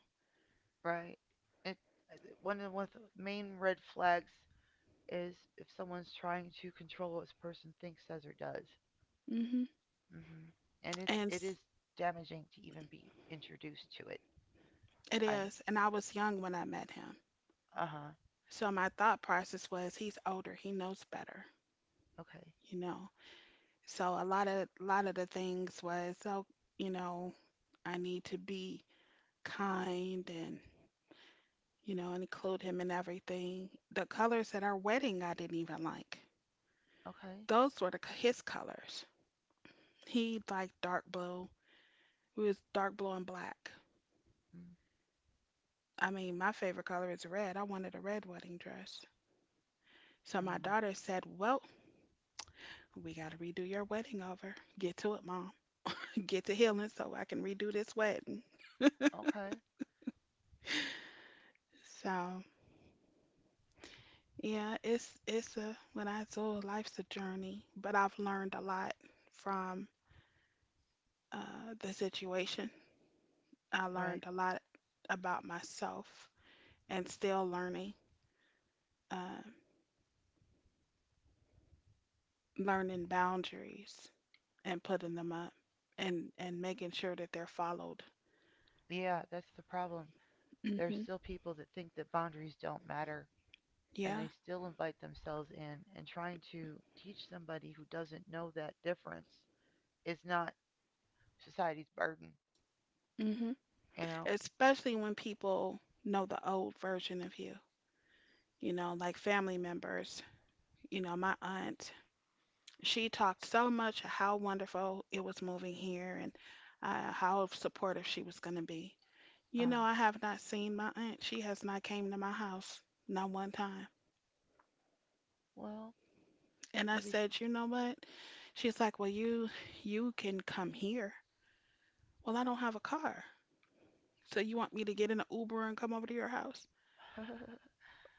[SPEAKER 2] Right. It one of the main red flags is if someone's trying to control what this person thinks, says, or does.
[SPEAKER 1] hmm
[SPEAKER 2] Hmm. And
[SPEAKER 1] And
[SPEAKER 2] it
[SPEAKER 1] s-
[SPEAKER 2] is damaging to even be introduced to it.
[SPEAKER 1] it
[SPEAKER 2] I'm
[SPEAKER 1] is. And I was young when I met him.
[SPEAKER 2] Uh huh.
[SPEAKER 1] So my thought process was he's older, he knows better,
[SPEAKER 2] Okay.
[SPEAKER 1] you know. So a lot of the things was, oh, you know, I need to be kind and, you know, and include him in everything. The colors at our wedding I didn't even like.
[SPEAKER 2] Okay.
[SPEAKER 1] Those were his colors. He liked dark blue. It was dark blue and black.
[SPEAKER 2] Mm,
[SPEAKER 1] I mean, my favorite color is red. I wanted a red wedding dress. So my
[SPEAKER 2] uh-huh.
[SPEAKER 1] daughter said, "Well, we got to redo your wedding over. Get to it, mom. Get to healing so I can redo this wedding."
[SPEAKER 2] Okay.
[SPEAKER 1] So yeah, it's a when I told life's a journey, but I've learned a lot from the situation. I
[SPEAKER 2] Right.
[SPEAKER 1] learned a lot about myself and still learning, uh, learning boundaries and putting them up and making sure that they're followed.
[SPEAKER 2] Yeah, that's the problem. There are
[SPEAKER 1] hmm
[SPEAKER 2] still people that think that boundaries don't matter, and they
[SPEAKER 1] Yeah.
[SPEAKER 2] still invite themselves in. And trying to teach somebody who doesn't know that difference is not society's burden.
[SPEAKER 1] hmm
[SPEAKER 2] You know.
[SPEAKER 1] Especially when people know the old version of you, you know, like family members. You know, my aunt, she talked so much how wonderful it was moving here and how supportive she was going to be.
[SPEAKER 2] Uh
[SPEAKER 1] You know,
[SPEAKER 2] huh.
[SPEAKER 1] I have not seen my aunt. She has not came to my house, not one time.
[SPEAKER 2] Well,
[SPEAKER 1] And I
[SPEAKER 2] maybe.
[SPEAKER 1] said, you know what? She's like, well, you can come here. Well, I don't have a car, so you want me to get in an Uber and come over to your house?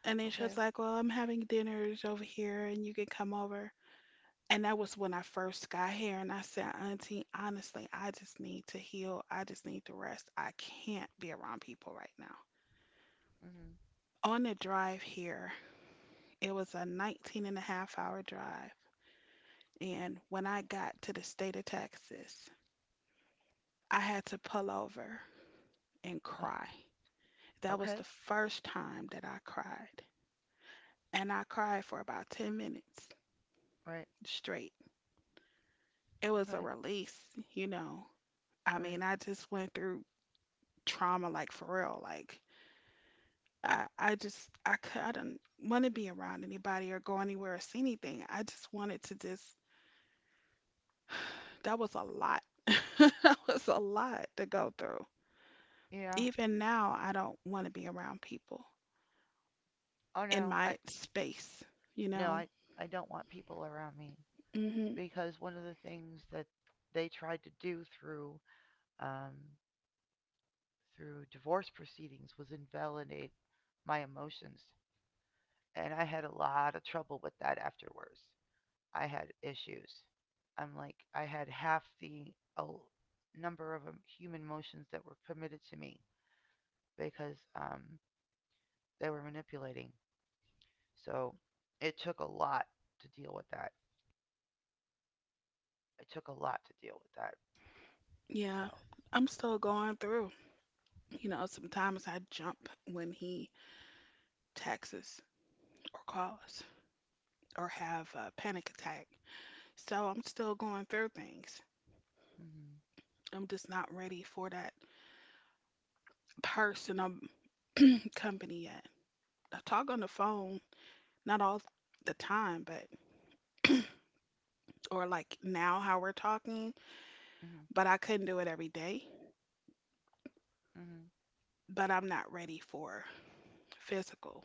[SPEAKER 1] And then she
[SPEAKER 2] Okay.
[SPEAKER 1] was like, well, I'm having dinners over here, and you can come over. And that was when I first got here, and I said, Auntie, honestly, I just need to heal. I just need to rest. I can't be around people right now.
[SPEAKER 2] Mm-hmm.
[SPEAKER 1] On the drive here, it was a 19 and a half hour drive. And when I got to the state of Texas, I had to pull over and
[SPEAKER 2] Uh,
[SPEAKER 1] cry. That was the
[SPEAKER 2] okay.
[SPEAKER 1] first time that I cried. And I cried for about 10 minutes
[SPEAKER 2] Right.
[SPEAKER 1] straight. It was a
[SPEAKER 2] Okay.
[SPEAKER 1] release, you know. I mean,
[SPEAKER 2] Right.
[SPEAKER 1] I just went through trauma like for real. Like, I just I could I did not want to be around anybody or go anywhere or see anything. I just wanted to just that was a lot. That was a lot to go through.
[SPEAKER 2] Yeah.
[SPEAKER 1] Even now, I don't want to be around people
[SPEAKER 2] Oh
[SPEAKER 1] in
[SPEAKER 2] no. I
[SPEAKER 1] my space, you
[SPEAKER 2] No.
[SPEAKER 1] know.
[SPEAKER 2] I don't want people around me
[SPEAKER 1] hmm
[SPEAKER 2] because one of the things that they tried to do through um, through divorce proceedings was invalidate my emotions. And I had a lot of trouble with that afterwards. I had issues. I'm like, I had half the number of human emotions that were permitted to me because they were manipulating. So it took a lot to deal with that. It took a lot to deal with that.
[SPEAKER 1] Yeah.
[SPEAKER 2] So,
[SPEAKER 1] I'm still going through. You know, sometimes I jump when he texts or calls or have a panic attack. So I'm still going through things.
[SPEAKER 2] mhm,
[SPEAKER 1] I'm just not ready for that person. I'm company yet. I talk on the phone, not all the time, but or like now how we're talking,
[SPEAKER 2] mhm,
[SPEAKER 1] but I couldn't do it every day.
[SPEAKER 2] mhm,
[SPEAKER 1] But I'm not ready for physical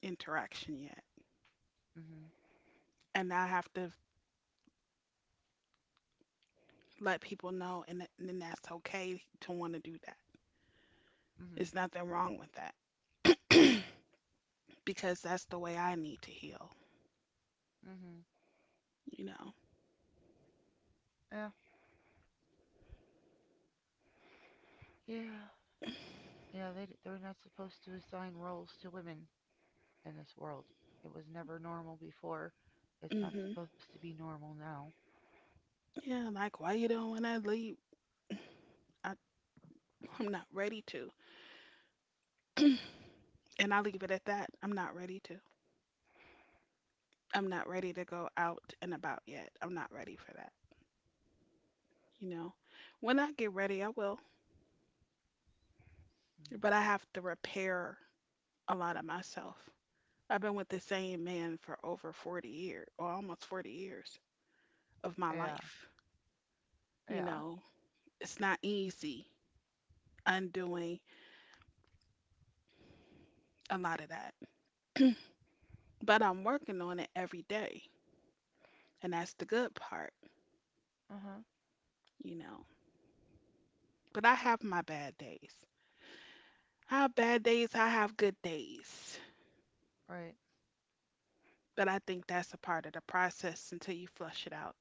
[SPEAKER 1] interaction yet.
[SPEAKER 2] mhm,
[SPEAKER 1] And I have to let people know, and then that's okay to want to do that.
[SPEAKER 2] mhm,
[SPEAKER 1] There's nothing wrong with that because that's the way I need to heal,
[SPEAKER 2] mhm.
[SPEAKER 1] you know.
[SPEAKER 2] Yeah, yeah. Yeah, they're not supposed to assign roles to women in this world. It was never normal before. It's not
[SPEAKER 1] Hmm
[SPEAKER 2] supposed to be normal now.
[SPEAKER 1] Yeah, like, why you don't want to leave? I, I'm not ready to. And I leave it at that. I'm not ready to. I'm not ready to go out and about yet. I'm not ready for that, you know. When I get ready, I will.
[SPEAKER 2] Mm.
[SPEAKER 1] But I have to repair a lot of myself. I've been with the same man for over 40 years, or almost 40 years of my
[SPEAKER 2] Yeah,
[SPEAKER 1] life. You
[SPEAKER 2] yeah,
[SPEAKER 1] know, it's not easy undoing a lot of that, but I'm working on it every day. And that's the good part,
[SPEAKER 2] uh huh,
[SPEAKER 1] you know. But I have my bad days. I have bad days, I have good days.
[SPEAKER 2] right.
[SPEAKER 1] But I think that's a part of the process until you flush it out.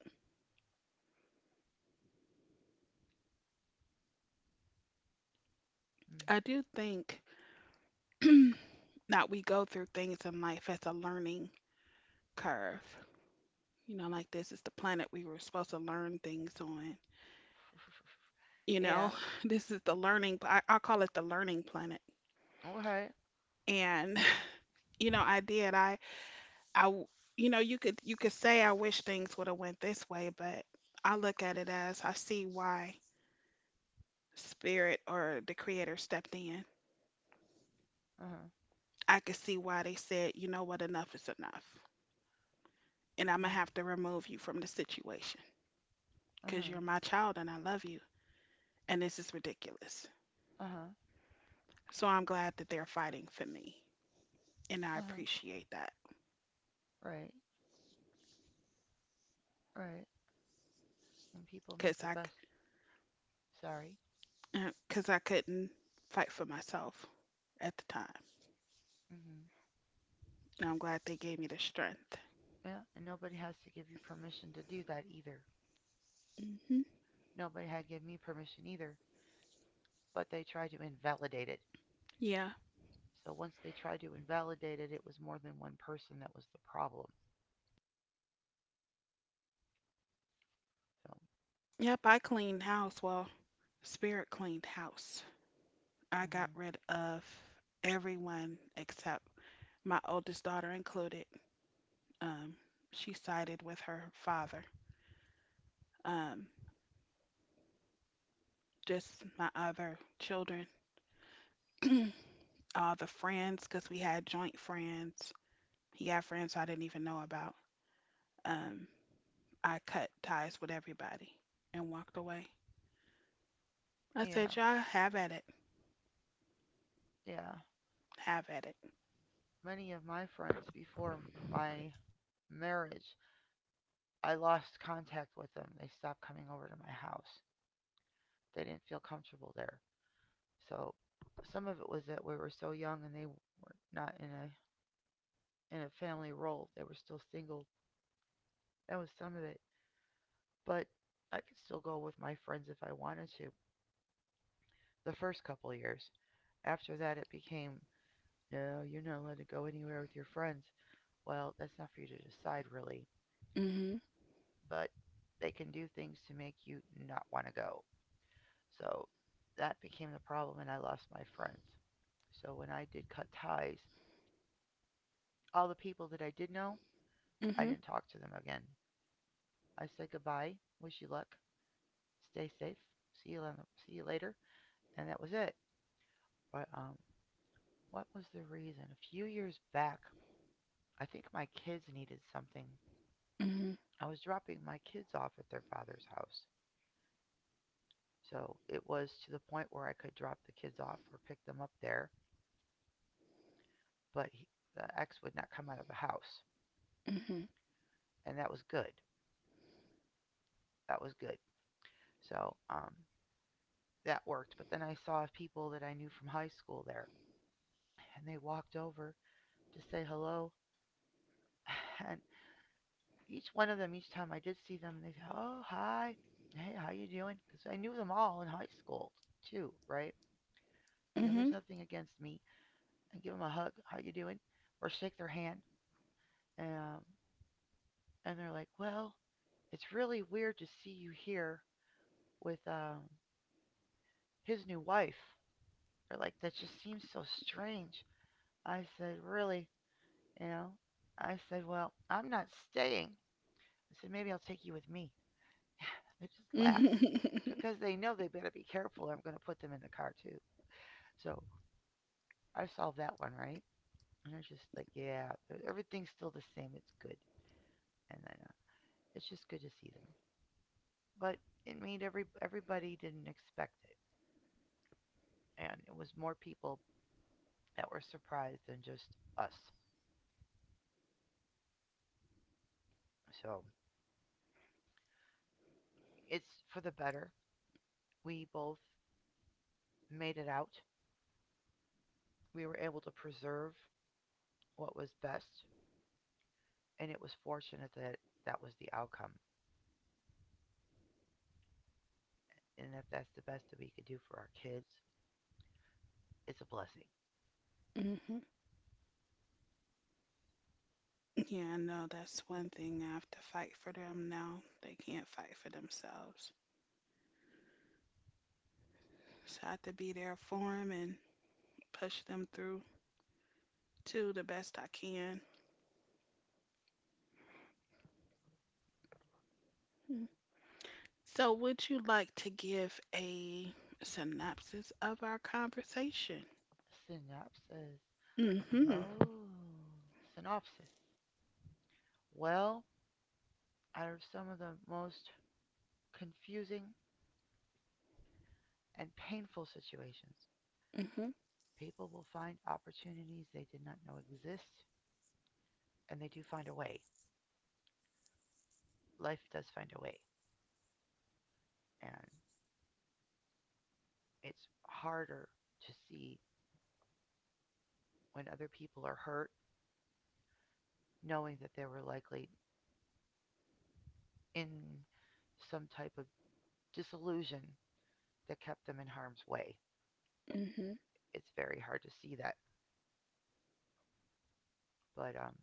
[SPEAKER 2] Mm.
[SPEAKER 1] I do think that we go through things in life as a learning curve. You know, like this is the planet we were supposed to learn things on. You know,
[SPEAKER 2] Yeah,
[SPEAKER 1] this is the learning, I call it the learning planet.
[SPEAKER 2] okay,
[SPEAKER 1] And, I did. I, you could say I wish things would have went this way, but I look at it as I see why spirit or the creator stepped in.
[SPEAKER 2] uh huh,
[SPEAKER 1] I could see why they said, you know what, enough is enough. And I'm going to
[SPEAKER 2] mm-hmm.
[SPEAKER 1] have to remove you from the situation
[SPEAKER 2] Uh
[SPEAKER 1] because
[SPEAKER 2] huh,
[SPEAKER 1] you're my child and I love you. And this is ridiculous.
[SPEAKER 2] uh huh,
[SPEAKER 1] So I'm glad that they're fighting for me. And I
[SPEAKER 2] uh huh,
[SPEAKER 1] appreciate that
[SPEAKER 2] right, right. And people make
[SPEAKER 1] because
[SPEAKER 2] the
[SPEAKER 1] I,
[SPEAKER 2] best, sorry,
[SPEAKER 1] because I couldn't fight for myself at the time.
[SPEAKER 2] mm-hmm.
[SPEAKER 1] And I'm glad they gave me the strength.
[SPEAKER 2] Yeah, and nobody has to give you permission to do that either.
[SPEAKER 1] Hmm
[SPEAKER 2] Nobody had to give me permission either, but they try to invalidate it.
[SPEAKER 1] Yeah.
[SPEAKER 2] So once they tried to invalidate it, it was more than one person that was the problem. So,
[SPEAKER 1] Yep, I cleaned house. Well, Spirit cleaned house. I got
[SPEAKER 2] hmm,
[SPEAKER 1] rid of everyone except my oldest daughter included. Um, she sided with her father. Um, just my other children, all the friends, because we had joint friends. He had friends I didn't even know about. Um, I cut ties with everybody and walked away. I
[SPEAKER 2] yeah,
[SPEAKER 1] said, y'all have at it,
[SPEAKER 2] yeah.
[SPEAKER 1] have at it.
[SPEAKER 2] Many of my friends before my marriage, I lost contact with them. They stopped coming over to my house. They didn't feel comfortable there. So some of it was that we were so young and they were not in a in a family role. They were still single. That was some of it. But I could still go with my friends if I wanted to. The first couple years. After that, it became, no, you're not allowed to go anywhere with your friends. Well, that's not for you to decide, really.
[SPEAKER 1] Mhm,
[SPEAKER 2] But they can do things to make you not want to go. So that became the problem, and I lost my friends. So when I did cut ties, all the people that I did know, I
[SPEAKER 1] mhm,
[SPEAKER 2] didn't talk to them again. I said goodbye, wish you luck, stay safe, see you, see you later, and that was it. But what was the reason? A few years back, I think my kids needed something.
[SPEAKER 1] mhm,
[SPEAKER 2] I was dropping my kids off at their father's house. So it was to the point where I could drop the kids off or pick them up there, but the ex would not come out of the house.
[SPEAKER 1] mhm,
[SPEAKER 2] And that was good. That was good. So that worked. But then I saw people that I knew from high school there, and they walked over to say hello. And each one of them, each time I did see them, they said, "Oh, hi, hey, how you doing?" Because I knew them all in high school too, right? You know, there's
[SPEAKER 1] mhm,
[SPEAKER 2] nothing against me. And give them a hug, how you doing, or shake their hand, and um, and they're like, well, it's really weird to see you here with his new wife. They're like, that just seems so strange. I said, really, you know? I said, well, I'm not staying. I said, maybe I'll take you with me. They just laugh
[SPEAKER 1] mhm.
[SPEAKER 2] because they know they better be careful. I'm going to put them in the car too. So I solved that one, right? And they're just like, yeah, everything's still the same. It's good. And then it's just good to see them. But it made everybody didn't expect it, and it was more people that were surprised than just us. So it's for the better. We both made it out. We were able to preserve what was best, and it was fortunate that that was the outcome. And if that's the best that we could do for our kids, it's a blessing.
[SPEAKER 1] Mhm. Yeah, I know that's one thing. I have to fight for them now. They can't fight for themselves, so I have to be there for them and push them through to the best I can. Mm. So, would you like to give a synopsis of our conversation?
[SPEAKER 2] Synopsis.
[SPEAKER 1] Mm-hmm.
[SPEAKER 2] Oh, synopsis. Well, out of some of the most confusing and painful situations,
[SPEAKER 1] Mm-hmm.
[SPEAKER 2] people will find opportunities they did not know exist, and they do find a way. Life does find a way. And it's harder to see when other people are hurt, knowing that they were likely in some type of disillusion that kept them in harm's way.
[SPEAKER 1] Mm-hmm.
[SPEAKER 2] It's very hard to see that. But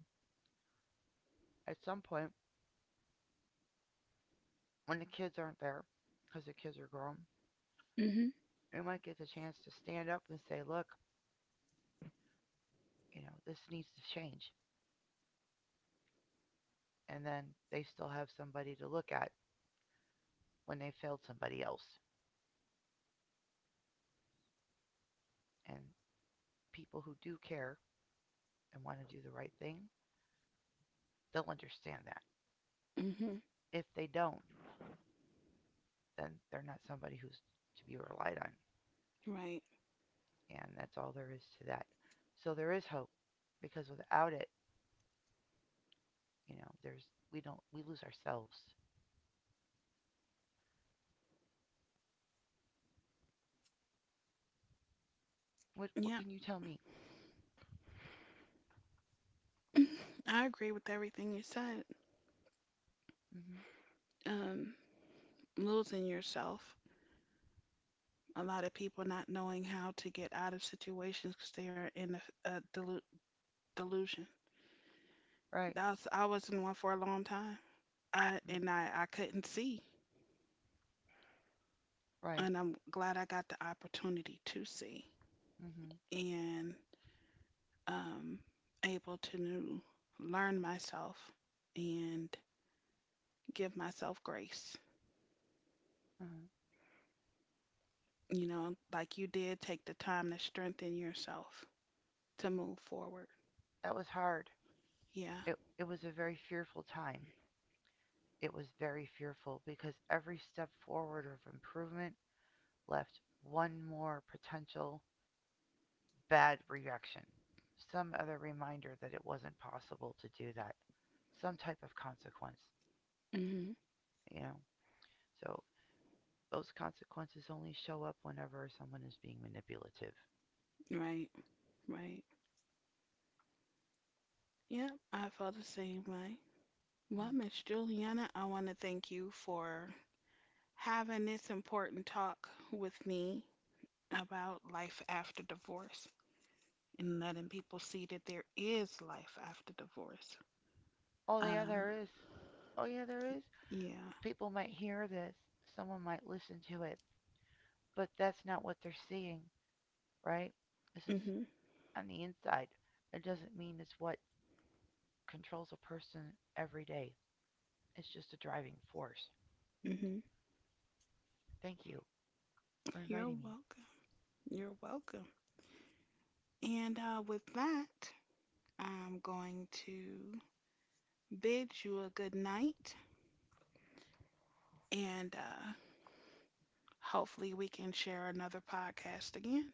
[SPEAKER 2] at some point, when the kids aren't there, because the kids are grown,
[SPEAKER 1] Mm-hmm.
[SPEAKER 2] we might get the chance to stand up and say, look, you know, this needs to change. And then they still have somebody to look at when they failed somebody else. And people who do care and want to do the right thing, they'll understand that.
[SPEAKER 1] Mm-hmm.
[SPEAKER 2] If they don't, then they're not somebody who's to be relied on.
[SPEAKER 1] Right.
[SPEAKER 2] And that's all there is to that. So there is hope because without it, you know, there's we don't we lose ourselves. What
[SPEAKER 1] Yeah.
[SPEAKER 2] can you tell me?
[SPEAKER 1] I agree with everything you said.
[SPEAKER 2] Mhm.
[SPEAKER 1] Um, losing yourself. A lot of people not knowing how to get out of situations because they are in a delusion.
[SPEAKER 2] Right.
[SPEAKER 1] That's I was in one for a long time. I
[SPEAKER 2] Mm,
[SPEAKER 1] and I I couldn't see.
[SPEAKER 2] right.
[SPEAKER 1] And I'm glad I got the opportunity to see
[SPEAKER 2] Mhm.
[SPEAKER 1] and um, able to learn myself and give myself grace.
[SPEAKER 2] Mhm.
[SPEAKER 1] You know, like you did take the time to strengthen yourself to move forward.
[SPEAKER 2] That was hard.
[SPEAKER 1] Yeah.
[SPEAKER 2] It was a very fearful time. It was very fearful because every step forward of improvement left one more potential bad reaction, some other reminder that it wasn't possible to do that, some type of consequence,
[SPEAKER 1] hmm
[SPEAKER 2] you know. So those consequences only show up whenever someone is being manipulative.
[SPEAKER 1] Right. Right. Yep. I felt the same way. Well,
[SPEAKER 2] Mm.
[SPEAKER 1] Miss Juliana, I want to thank you for having this important talk with me about life after divorce, and letting people see that there is life after divorce.
[SPEAKER 2] Oh, yeah,
[SPEAKER 1] Um,
[SPEAKER 2] there is. Oh, yeah, there is.
[SPEAKER 1] yeah.
[SPEAKER 2] People might hear this, someone might listen to it, but that's not what they're seeing, right? This is
[SPEAKER 1] Mhm.
[SPEAKER 2] on the inside. It doesn't mean it's what controls a person every day, it's just a driving force.
[SPEAKER 1] Mhm.
[SPEAKER 2] Thank you for
[SPEAKER 1] You're
[SPEAKER 2] inviting me.
[SPEAKER 1] welcome. You're welcome. And with that, I'm going to bid you a good night, and hopefully we can share another podcast again.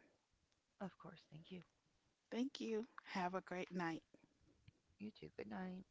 [SPEAKER 2] Of course, thank you.
[SPEAKER 1] Thank you. Have a great night.
[SPEAKER 2] You too. Good night.